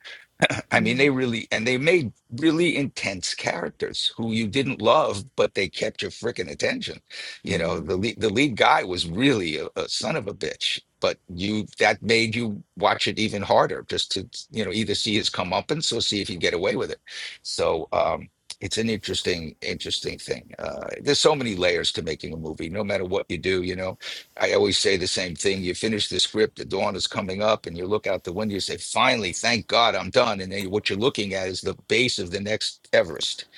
S2: *clears throat* *laughs* I mean, they really and they made really intense characters who you didn't love, but they kept your freaking attention. You know, the lead, the lead guy was really a, a son of a bitch, but you that made you watch it even harder, just to you know either see his comeuppance or see if you get away with it. So um, it's an interesting, interesting thing. Uh, there's so many layers to making a movie, no matter what you do. You know, I always say the same thing. You finish the script, the dawn is coming up, and you look out the window, you say, finally, thank God I'm done. And then what you're looking at is the base of the next Everest. *laughs*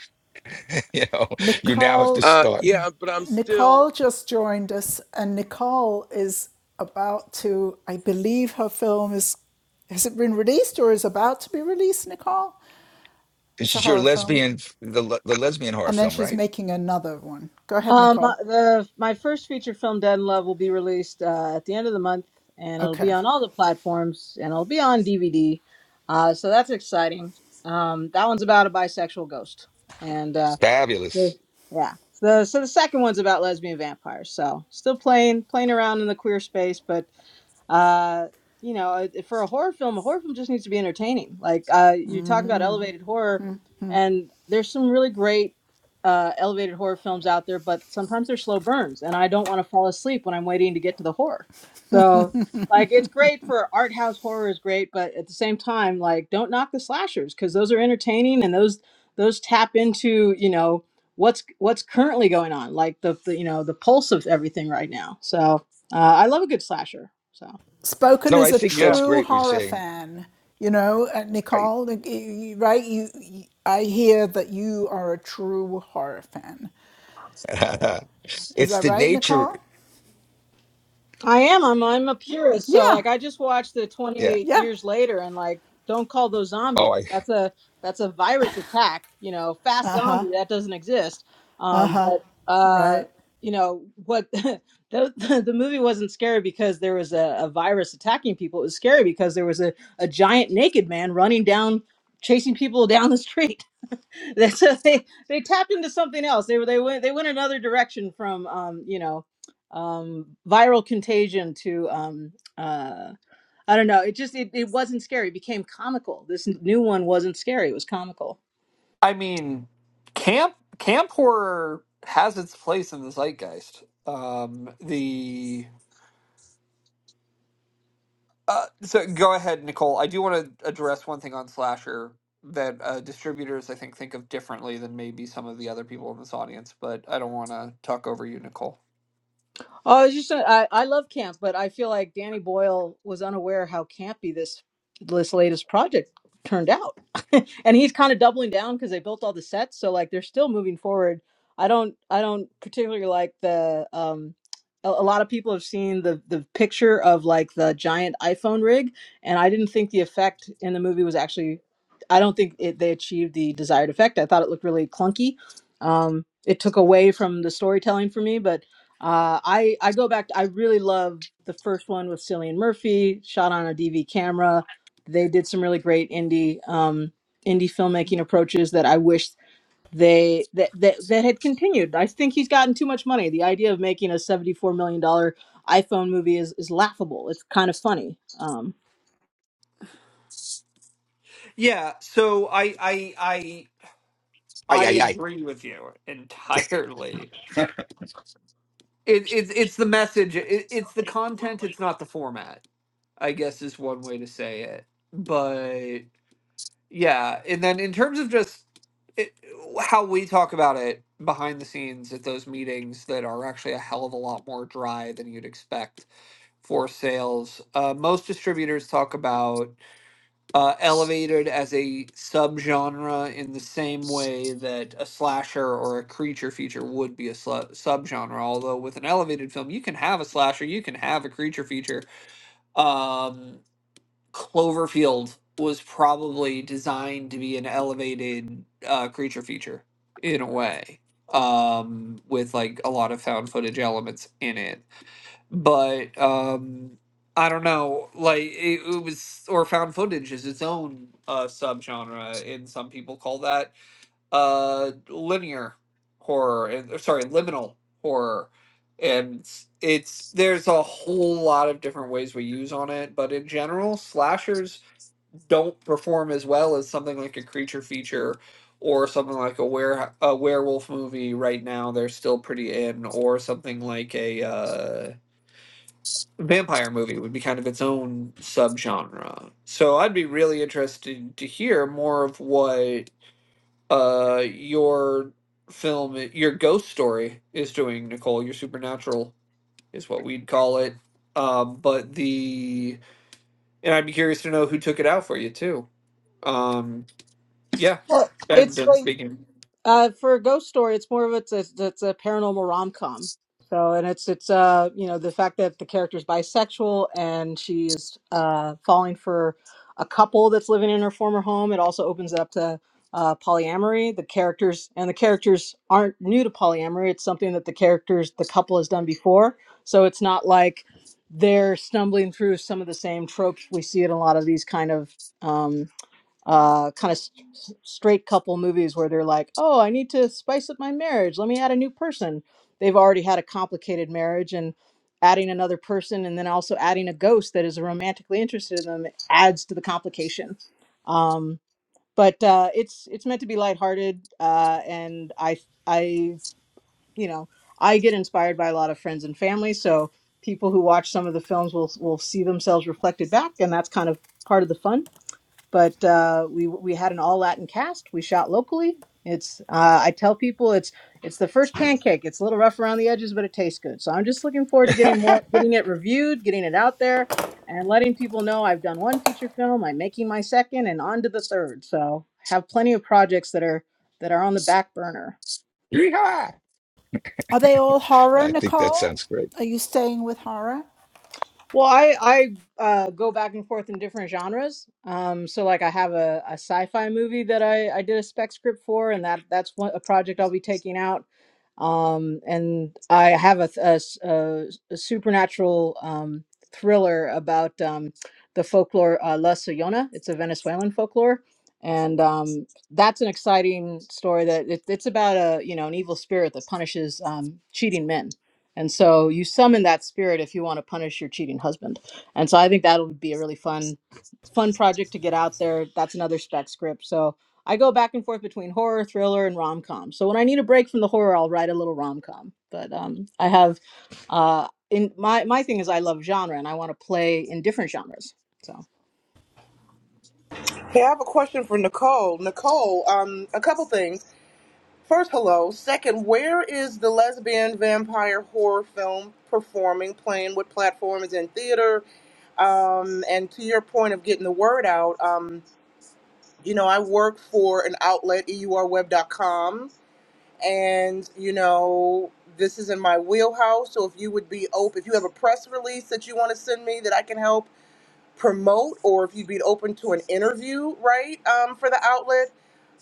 S2: You know, you now have to
S1: nicole
S6: Uh,
S2: start.
S6: yeah, but I'm still
S1: nicole just joined us and nicole is about to i believe her film is has it been released or is about to be released nicole it's
S2: This
S1: a
S2: is your
S1: horror film
S2: lesbian, the, le- the lesbian horror
S1: and then
S2: film,
S1: she's
S2: right?
S1: making another one go ahead
S7: Um,
S1: nicole
S7: the my first feature film, Dead in Love, will be released uh, at the end of the month, and it'll
S1: okay
S7: be on all the platforms, and it'll be on DVD. Uh, so that's exciting. Um, that one's about a bisexual ghost, and uh, Sure.
S2: Fabulous.
S7: Yeah. So, the- so the second one's about lesbian vampires. So still playing playing around in the queer space, but uh, you know, uh, for a horror film, a horror film just needs to be entertaining. Like uh, you talk about elevated horror, and there's some really great uh, elevated horror films out there, but sometimes they're slow burns, and I don't want to fall asleep when I'm waiting to get to the horror. So, like, it's great for art house horror is great, but at the same time, like, don't knock the slashers because those are entertaining and those those tap into you know what's what's currently going on, like the, the you know the pulse of everything right now. So uh, I love a good slasher. So
S1: spoken
S2: No, I
S1: as a
S2: think
S5: Yeah.
S2: that's
S1: true
S2: great. We're
S1: horror
S2: saying,
S1: fan you know uh,
S2: I,
S1: nicole like, right you i hear that you are a true horror fan
S2: *laughs*
S1: is
S2: it's
S1: that
S2: the
S1: right
S2: nature.
S1: nicole
S7: I am. I'm I'm a purist. So
S1: Yeah.
S7: like I just watched the
S2: Yeah.
S7: 28
S1: Yeah.
S7: years later, and like don't call those zombies.
S2: Oh, I,
S7: That's a that's a virus attack. You know, fast zombie that doesn't exist. Um, but uh,
S1: Right.
S7: you know what? *laughs* the, the the movie wasn't scary because there was a, a virus attacking people. It was scary because there was a, a giant naked man running down, chasing people down the street *laughs* That's so they they tapped into something else. They were they went they went another direction from um you know um viral contagion to um uh I don't know. It just it, it wasn't scary. It became comical. This new one wasn't scary. It was comical.
S5: I mean, camp camp horror has its place in the zeitgeist. Um, the uh, so go ahead, Nicole. I do want to address one thing on slasher that uh, distributors I think think of differently than maybe some of the other people in this audience, but I don't want to talk over you, Nicole.
S7: Oh, I was just uh, I, I love camp, but I feel like Danny Boyle was unaware how campy this this latest project turned out. *laughs* and he's kind of doubling down because they built all the sets, so like they're still moving forward. I don't I don't particularly like the um a, a lot of people have seen the the picture of like the giant iPhone rig, and I didn't think the effect in the movie was actually I don't think it, they achieved the desired effect. I thought it looked really clunky. Um, it took away from the storytelling for me, but uh, I I go back. I really love the first one with Cillian Murphy, shot on a DV camera. They did some really great indie um, indie filmmaking approaches that I wish they that, that that had continued. I think he's gotten too much money. The idea of making a seventy four million dollar iPhone movie is is laughable. It's kind of funny. Um,
S5: Yeah, so I I I I
S2: I, I,
S5: agree with you entirely. It, it's it's the message. It, it's the content. It's not the format. I guess is one way to say it. But Yeah, and then in terms of just it, how we talk about it behind the scenes at those meetings that are actually a hell of a lot more dry than you'd expect for sales. Uh, most distributors talk about uh, elevated as a subgenre in the same way that a slasher or a creature feature would be a sl- subgenre. Although with an elevated film, you can have a slasher, you can have a creature feature. Um, Cloverfield was probably designed to be an elevated uh, creature feature in a way, um, with like a lot of found footage elements in it. But um, I don't know, like it, it was, or found footage is its own uh, subgenre, and some people call that uh, linear horror, and or sorry, liminal horror. And it's there's a whole lot of different ways we use on it, but in general, slashers don't perform as well as something like a creature feature or something like a were a werewolf movie right now they're still pretty in or something like a uh, vampire movie would be kind of its own subgenre so i'd be really interested to hear more of what uh, your film your ghost story is doing nicole your supernatural is what we'd call it um, but the and i'd be curious to know who took it out for you too Um, Yeah,
S7: Well,
S5: Ben
S7: it's
S5: Dunn
S7: like
S5: speaking.
S7: Uh, for a ghost story, it's more of it's a, it's a paranormal rom com. So, and it's it's uh you know the fact that the character's bisexual and she is uh falling for a couple that's living in her former home. It also opens it up to uh, polyamory. The characters and the characters aren't new to polyamory. It's something that the characters the couple has done before. So it's not like they're stumbling through some of the same tropes we see in a lot of these kind of um uh, kind of st- straight couple movies where they're like, oh, I need to spice up my marriage. Let me add a new person. They've already had a complicated marriage and adding another person and then also adding a ghost that is romantically interested in them adds to the complication. Um, but uh, it's it's meant to be lighthearted uh, and I I you know I get inspired by a lot of friends and family so people who watch some of the films will will see themselves reflected back and that's kind of part of the fun but uh, we we had an all Latin cast. We shot locally. It's uh, I tell people it's it's the first pancake. It's a little rough around the edges, but it tastes good. So I'm just looking forward to getting
S2: I.
S7: more, getting it reviewed, getting it out there, and letting people know I've done one feature film. I'm making my second, and on to the third. So have plenty of projects that are that are on the back burner.
S1: Are they all
S2: *laughs*
S1: horror,
S2: I think that
S1: Nicole?
S2: sounds great.
S1: Are you staying with horror?
S7: Well, I I uh, go back and forth in different genres. Um, so like I have a, a sci-fi movie that I, I did a spec script for, and that that's one a project I'll be taking out. Um, and I have a, th- a s- a s- a supernatural um, thriller about um, the folklore uh, La Sollona. It's a Venezuelan folklore, and um, that's an exciting story. That it, it's about a you know an evil spirit that punishes um, cheating men and so you summon that spirit if you want to punish your cheating husband. And so I think that would be a really fun, fun project to get out there. That's another spec script. So I go back and forth between horror, thriller, and rom com. So when I need a break from the horror, I'll write a little rom com. But um, I have, uh, in my my thing is I love genre and I want to play in different genres. So
S8: Hey, I have a question for Nicole. Nicole, um, a couple things. First, hello. Second, where is the lesbian vampire horror film performing, playing? What platform is in theater? Um, and to your point of getting the word out, um, you know, I work for an outlet, eurweb.com, and, you know, this is in my wheelhouse. So if you would be open, if you have a press release that you want to send me that I can help promote or if you'd be open to an interview right um, for the outlet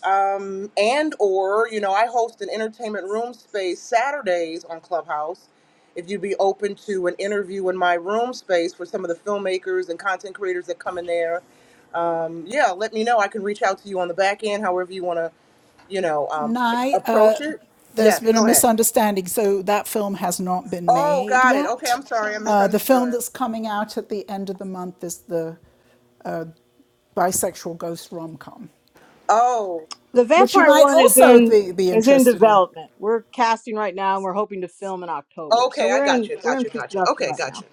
S8: um, and or you know i host an entertainment room space saturdays on clubhouse if you'd be open to an interview in my room space for some of the filmmakers and content creators that come in there um, yeah let me know i can reach out to you on the back end however you want to you know um,
S1: Nye, uh,
S8: approach it
S1: there's
S8: yes
S1: been a
S8: go ahead
S1: misunderstanding. So that film has not been
S8: oh
S1: made
S8: got it okay
S1: yet.
S8: i'm sorry i
S1: Uh, the film
S8: misunderstood
S1: that's coming out at the end of the month is the bisexual ghost rom com,
S8: oh
S7: the
S1: which you
S7: vampire
S1: might
S7: one is
S1: also
S7: in
S1: th- be
S7: is in
S1: interested in.
S7: development. We're casting right now and we're hoping to film in October. So
S8: okay i
S7: we're
S8: got
S7: in
S8: you
S7: we're
S8: got
S7: in
S8: you
S7: pre
S8: got you
S7: production
S8: okay
S7: right
S8: got
S7: now.
S8: you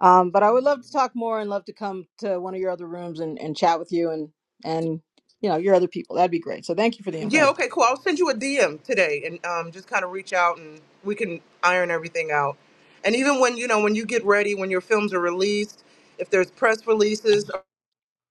S7: Um, but I would love to talk more and love to come to one of your other rooms and, and chat with you and and you know your other people. That'd be great. So thank you for the invite.
S8: Yeah,
S5: Mhm.
S8: okay, cool. I'll send you a DM today and um, just kind of reach out and we can iron everything out. And even when you know when you get ready, when your films are released, if there's press releases,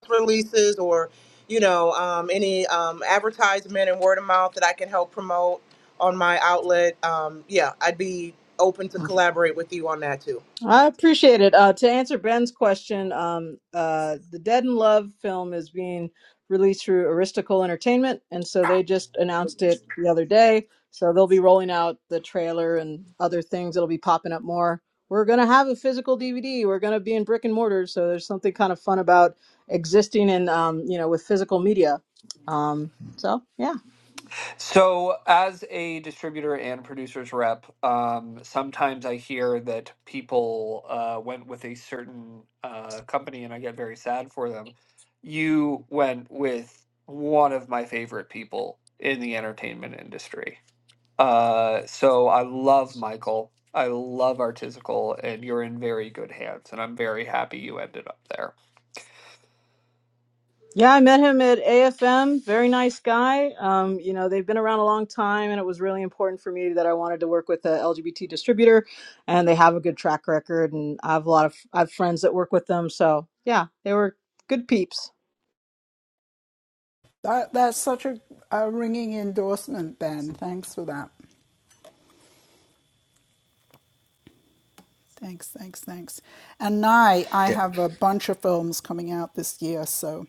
S8: releases, or you know um, any um, advertisement and word of mouth that I can help promote on my outlet, um, yeah, I'd be open to collaborate with you on that too.
S7: I appreciate it. Uh, to answer Ben's question, um, uh, the Dead in Love film is being released through Aristocle Entertainment, and so they just announced it the other day. So they'll be rolling out the trailer and other things. It'll be popping up more. We're gonna have a physical DVD. We're gonna be in brick and mortar. So there's something kind of fun about existing in, um, you know, with physical media. Um, so yeah.
S5: So, as a distributor and producer's rep, um, sometimes I hear that people uh, went with a certain uh, company and I get very sad for them. You went with one of my favorite people in the entertainment industry. Uh, so I love Michael. I love Artisanal, and you're in very good hands. And I'm very happy you ended up there.
S7: Yeah, I met him at AFM. Very nice guy. Um, you know, they've been around a long time, and it was really important for me that I wanted to work with a LGBT distributor, and they have a good track record. And I have a lot of I have friends that work with them, so yeah, they were good peeps.
S1: That, that's such a, a ringing endorsement, Ben. Thanks for that. Thanks, thanks, thanks. And Nye, I
S2: Yeah.
S1: have a bunch of films coming out this year, so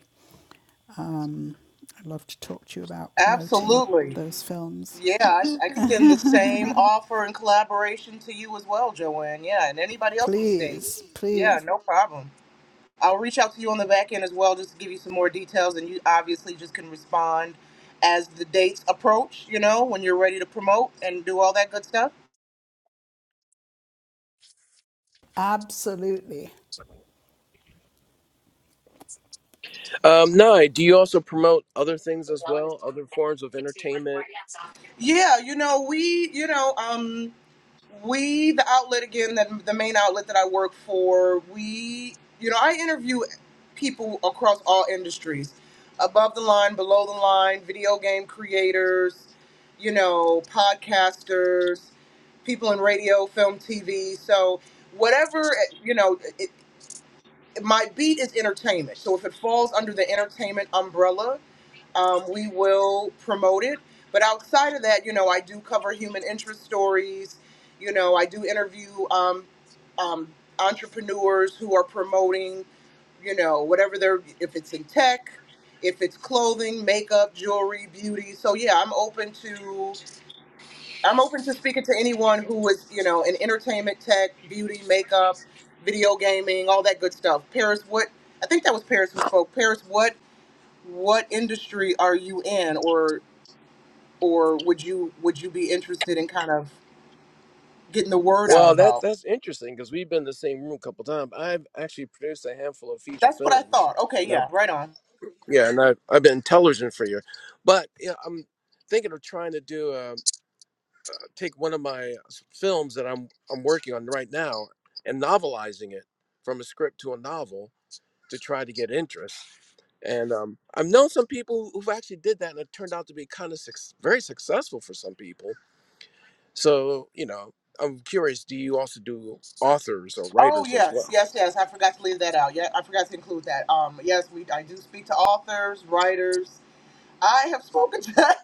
S1: I'd love to talk to you about promoting
S8: Absolutely.
S1: those films.
S8: Yeah, I I extend the same offer and collaboration to you as well, Joanne. Yeah, and anybody else on the stage.
S1: Please,
S8: Yeah,
S1: please,
S8: no problem. I'll reach out to you on the back end as well, just to give you some more details, and you obviously just can respond as the dates approach. You know, when you're ready to promote and do all that good stuff.
S1: absolutely.
S6: um, Nye. Do you also promote other things as well, other forms of entertainment?
S8: Yeah, you know, we, you know, um, we the outlet again that the main outlet that i work for we you know i interview people across all industries above the line below the line video game creators you know podcasters people in radio film tv so whatever you know it, it, my beat is entertainment so if it falls under the entertainment umbrella um, we will promote it. But outside of that, you know, I do cover human interest stories. You know, I do interview um, um, entrepreneurs who are promoting, you know, whatever they're, if it's in tech, if it's clothing, makeup, jewelry, beauty. So yeah, I'm open to, I'm open to speaking to anyone who is, you know, in entertainment, tech, beauty, makeup, video gaming, all that good stuff. Paris, what? I think that was Paris who spoke. Paris, what? what industry are you in or or would you would you be interested in kind of getting the word out
S6: Well, that
S8: about
S6: that's interesting because we've been in the same room a couple times. I've actually produced a handful of feature
S8: that's what i
S6: films,
S8: thought okay
S6: and I've,
S8: yeah right on
S6: yeah, and I've, I've been television for you. But yeah, I'm thinking of trying to do a, uh, take one of my uh, s- films that I'm I'm working on right now and novelizing it from a script to a novel to try to get interest. And um, I've known some people who- who've actually did that, and it turned out to be kind of suc very successful for some people so, you know, I'm curious, do you also do authors or
S8: oh
S6: writers as
S8: yes
S6: well?
S8: yes yes i forgot to leave that out yeah i forgot to include that um yes we i do speak to authors writers I have spoken to, *laughs*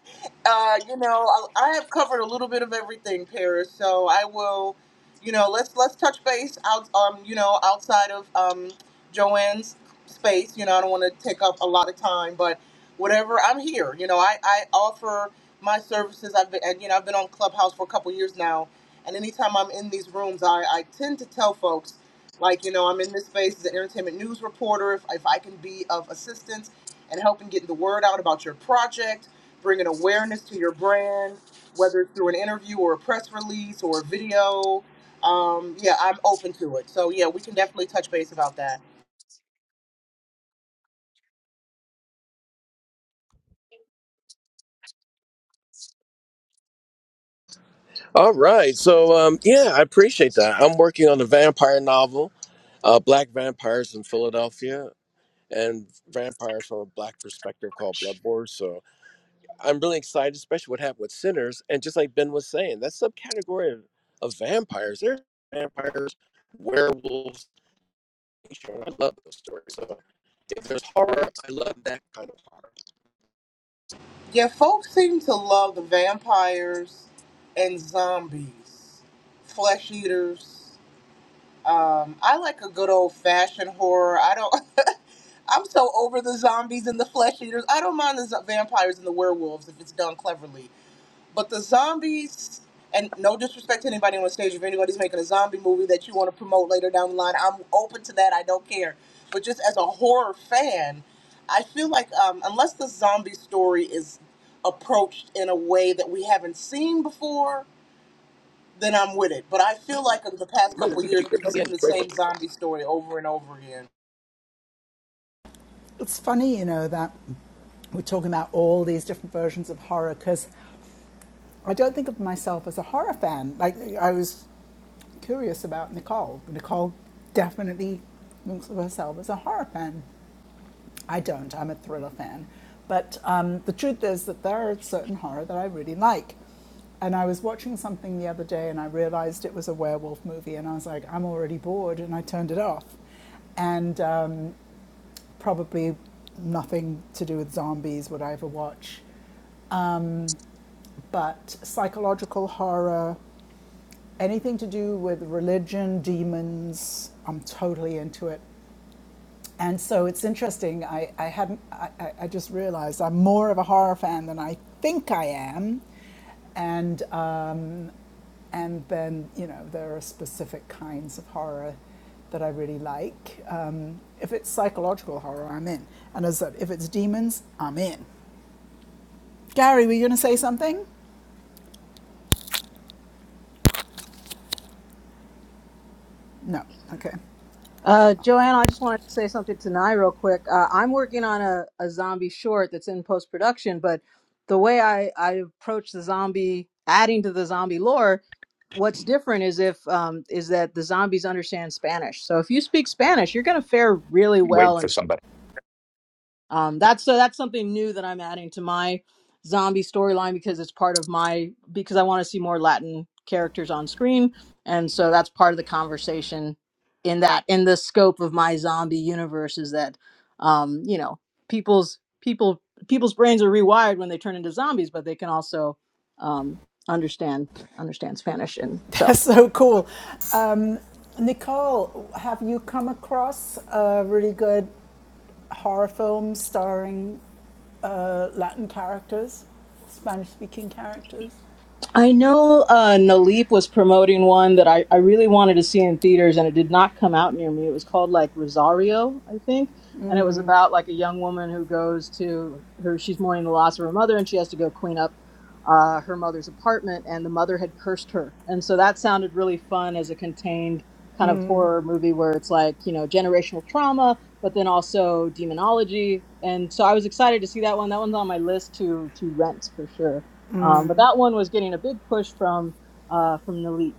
S8: uh, you know, I, I have covered a little bit of everything, Paris. So I will, you know, let's let's touch base out, um, you know, outside of um, Joanne's space. You know, I don't want to take up a lot of time, but whatever, I'm here. You know, I I offer my services. I've been, and, you know, I've been on Clubhouse for a couple years now, and anytime I'm in these rooms, I I tend to tell folks. Like you know, I'm in this space as an entertainment news reporter. If, if I can be of assistance, and helping getting the word out about your project, bringing awareness to your brand, whether it's through an interview or a press release or a video. Um, yeah, I'm open to it. So yeah, we can definitely touch base about that.
S6: All right. So, um, yeah, I appreciate that. I'm working on a vampire novel, uh, Black Vampires in Philadelphia, and Vampires from a Black Perspective called Blood Wars. I'm really excited, especially what happened with sinners. And just like Ben was saying, that subcategory of, of vampires, there are vampires, werewolves. nature, I love those stories. So if there's horror, I love that kind of horror.
S8: Yeah, folks seem to love the vampires and zombies, flesh eaters. Um, I like a good old fashioned horror. I don't. *laughs* I'm so over the zombies and the flesh eaters. I don't mind the z- vampires and the werewolves if it's done cleverly. But the zombies, and no disrespect to anybody on the stage, if anybody's making a zombie movie that you want to promote later down the line, I'm open to that. I don't care. But just as a horror fan, I feel like um, unless the zombie story is approached in a way that we haven't seen before, then I'm with it. But I feel like over the
S6: It
S8: past
S6: might not
S8: couple of
S6: be, but
S8: years,
S6: you can
S8: we've
S6: come in
S8: seen
S6: and
S8: the
S6: pray for
S8: same
S6: me.
S8: zombie story over and over again.
S1: It's funny, you know, that we're talking about all these different versions of horror because I don't think of myself as a horror fan. Like, I was curious about Nicole. Nicole definitely thinks of herself as a horror fan. I don't. I'm a thriller fan. But um, the truth is that there are certain horror that I really like. And I was watching something the other day and I realized it was a werewolf movie. And I was like, I'm already bored. And I turned it off. And um, probably nothing to do with zombies would I ever watch. But psychological horror, anything to do with religion, demons, I'm totally into it. And so it's interesting. I, I hadn't. I, I I just realized I'm more of a horror fan than I think I am, and um, and then you know there are specific kinds of horror that I really like. Um, if it's psychological horror, I'm in. And as I said, if it's demons, I'm in. Gary, were you going to say something? No. Okay.
S7: Uh, Joanne, I just wanted to say something to Nye real quick. Uh, I'm working on a, a zombie short that's in post production, but the way I, I approach the zombie, adding to the zombie lore, what's different is if um, is that the zombies understand Spanish. So if you speak Spanish, you're going to fare really
S2: Wait
S7: well in
S2: for somebody.
S7: um, that's so that's something new that I'm adding to my zombie storyline because it's part of my because I want to see more Latin characters on screen, and so that's part of the conversation in that in the scope of my zombie universe is that um, you know people's people people's brains are rewired when they turn into zombies, but they can also um, understand understand Spanish, and
S1: *laughs*
S7: so
S1: That's so cool. Um, Nicole, have you come across a really good horror film starring Latin characters, Spanish speaking characters.
S7: I know uh, Naleep was promoting one that I, I really wanted to see in theaters, and it did not come out near me. It was called like Rosario, I think, and it was about like a young woman who goes to her. She's mourning the loss of her mother, and she has to go clean up uh, her mother's apartment, and the mother had cursed her, and so that sounded really fun as a contained kind of horror movie where it's like you know generational trauma, but then also demonology, and so I was excited to see that one. That one's on my list to to rent for sure. Um, but that one was getting a big push from uh, from the leap.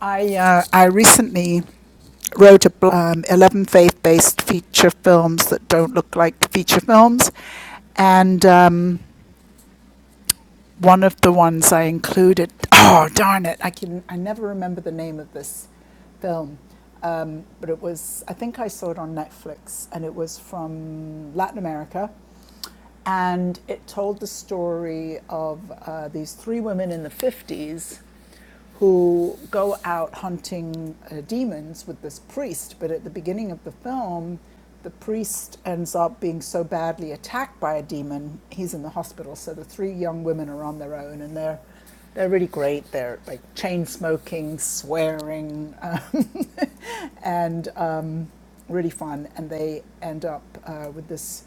S1: I, uh, I recently wrote a um, 11 faith based feature films that don't look like feature films. And um, one of the ones I included, oh, darn it, I, can, I never remember the name of this film. Um, but it was, I think I saw it on Netflix, and it was from Latin America and it told the story of uh, these three women in the 50s who go out hunting uh, demons with this priest. But at the beginning of the film, the priest ends up being so badly attacked by a demon, he's in the hospital. So the three young women are on their own, and they're they're really great. They're like chain smoking, swearing, um, *laughs* and um, really fun. And they end up uh, with this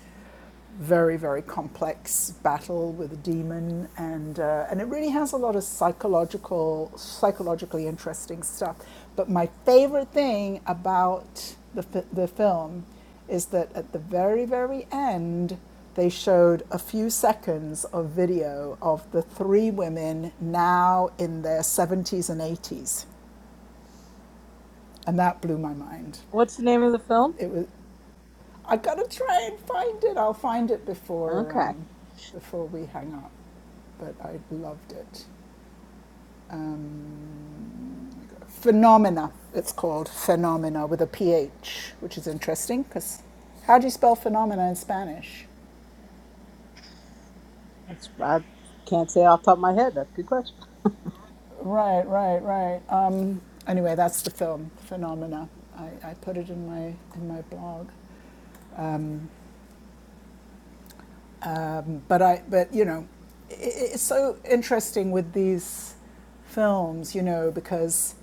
S1: very, very complex battle with a demon, and uh, and it really has a lot of psychological, psychologically interesting stuff. But my favorite thing about the the film is that at the very, very end, they showed a few seconds of video of the three women now in their seventies and eighties, and that blew my mind.
S7: What's the name of the film?
S1: It was. I gotta try and find it. I'll find it before
S7: Okay,
S1: um, before we hang up. but I loved it. Um, Phenomena, it's called Phenomena with a P-H, which is interesting because how do you spell phenomena in Spanish?
S7: that's I can't say off the top of my head. That's a good question.
S1: Right, right, right. Um, anyway, that's the film Phenomena. I, I put it in my in my blog. Um, um, but I, but you know, i it's so interesting with these films, you know, because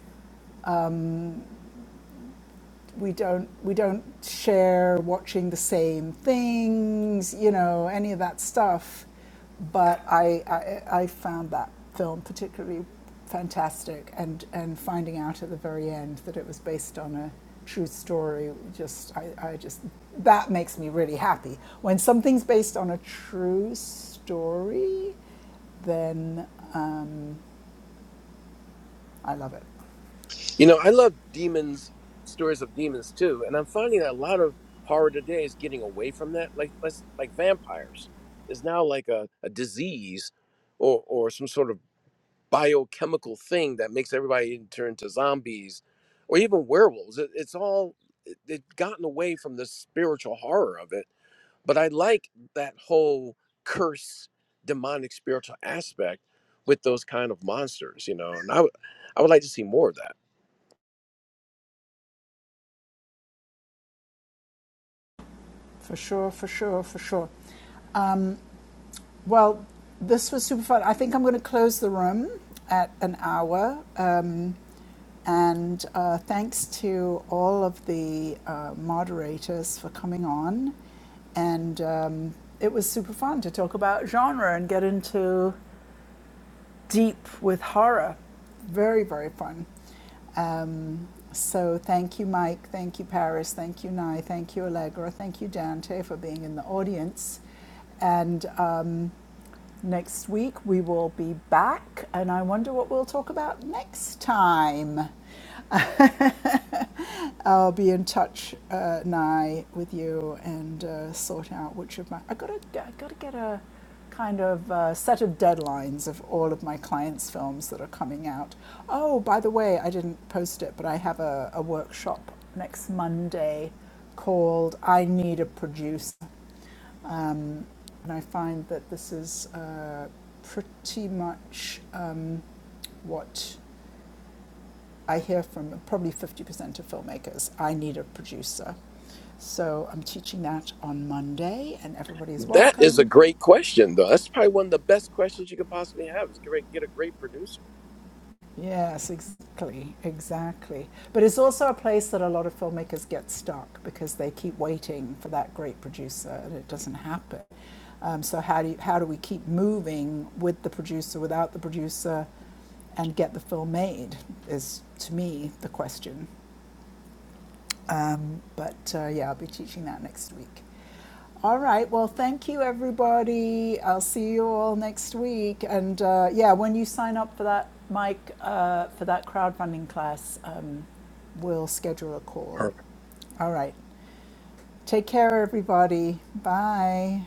S1: we don't we don't share watching the same things, you know, any of that stuff. But I I, I found that film particularly fantastic, and and finding out at the very end that it was based on a true story just I, I just that makes me really happy when something's based on a true story then um, i love it
S6: You know, I love demons, stories of demons too. And I'm finding that a lot of horror today is getting away from that. Like, let's like vampires is now like a, a disease. Or, or some sort of biochemical thing that makes everybody turn to zombies or even werewolves. It, it's all it, it gotten away from the spiritual horror of it. But I like that whole curse, demonic, spiritual aspect with those kind of monsters, you know. And I would, I would like to see more of that.
S1: for sure for sure for sure Um, Well, this was super fun. I think I'm going to close the room at an hour. Um, and uh, thanks to all of the uh, moderators for coming on. And um, it was super fun to talk about genre and get into deep with horror. Very, very fun. Um, so thank you, Mike. Thank you, Paris. Thank you, Nye. Thank you, Allegra. Thank you, Dante, for being in the audience. And um, Next week we will be back, and I wonder what we'll talk about next time. *laughs* I'll be in touch, uh, Nye, with you and uh, sort out which of my. I have gotta, I have gotta get a kind of uh, set of deadlines of all of my clients' films that are coming out. Oh, by the way, I didn't post it, but I have a, a workshop next Monday called "I Need a Producer." Um, and I find that this is uh, pretty much um, what I hear from probably 50% of filmmakers. I need a producer. So I'm teaching that on Monday, and everybody's
S6: That is a
S1: welcome.
S6: great question, though. That's probably one of the best questions you could possibly have. Is get, a- get a great producer.
S1: Yes, exactly, exactly. But it's also a place that a lot of filmmakers get stuck because they keep waiting for that great producer and it doesn't happen. Um, so how do you, how do we keep moving with the producer, without the producer? and get the film made is to me the question. Um, but uh, yeah, I'll be teaching that next week. All right. Well, thank you, everybody. I'll see you all next week. And uh, yeah, when you sign up for that, Mike, uh, for that crowdfunding class, um, we'll schedule a call. All right. Take care, everybody. Bye.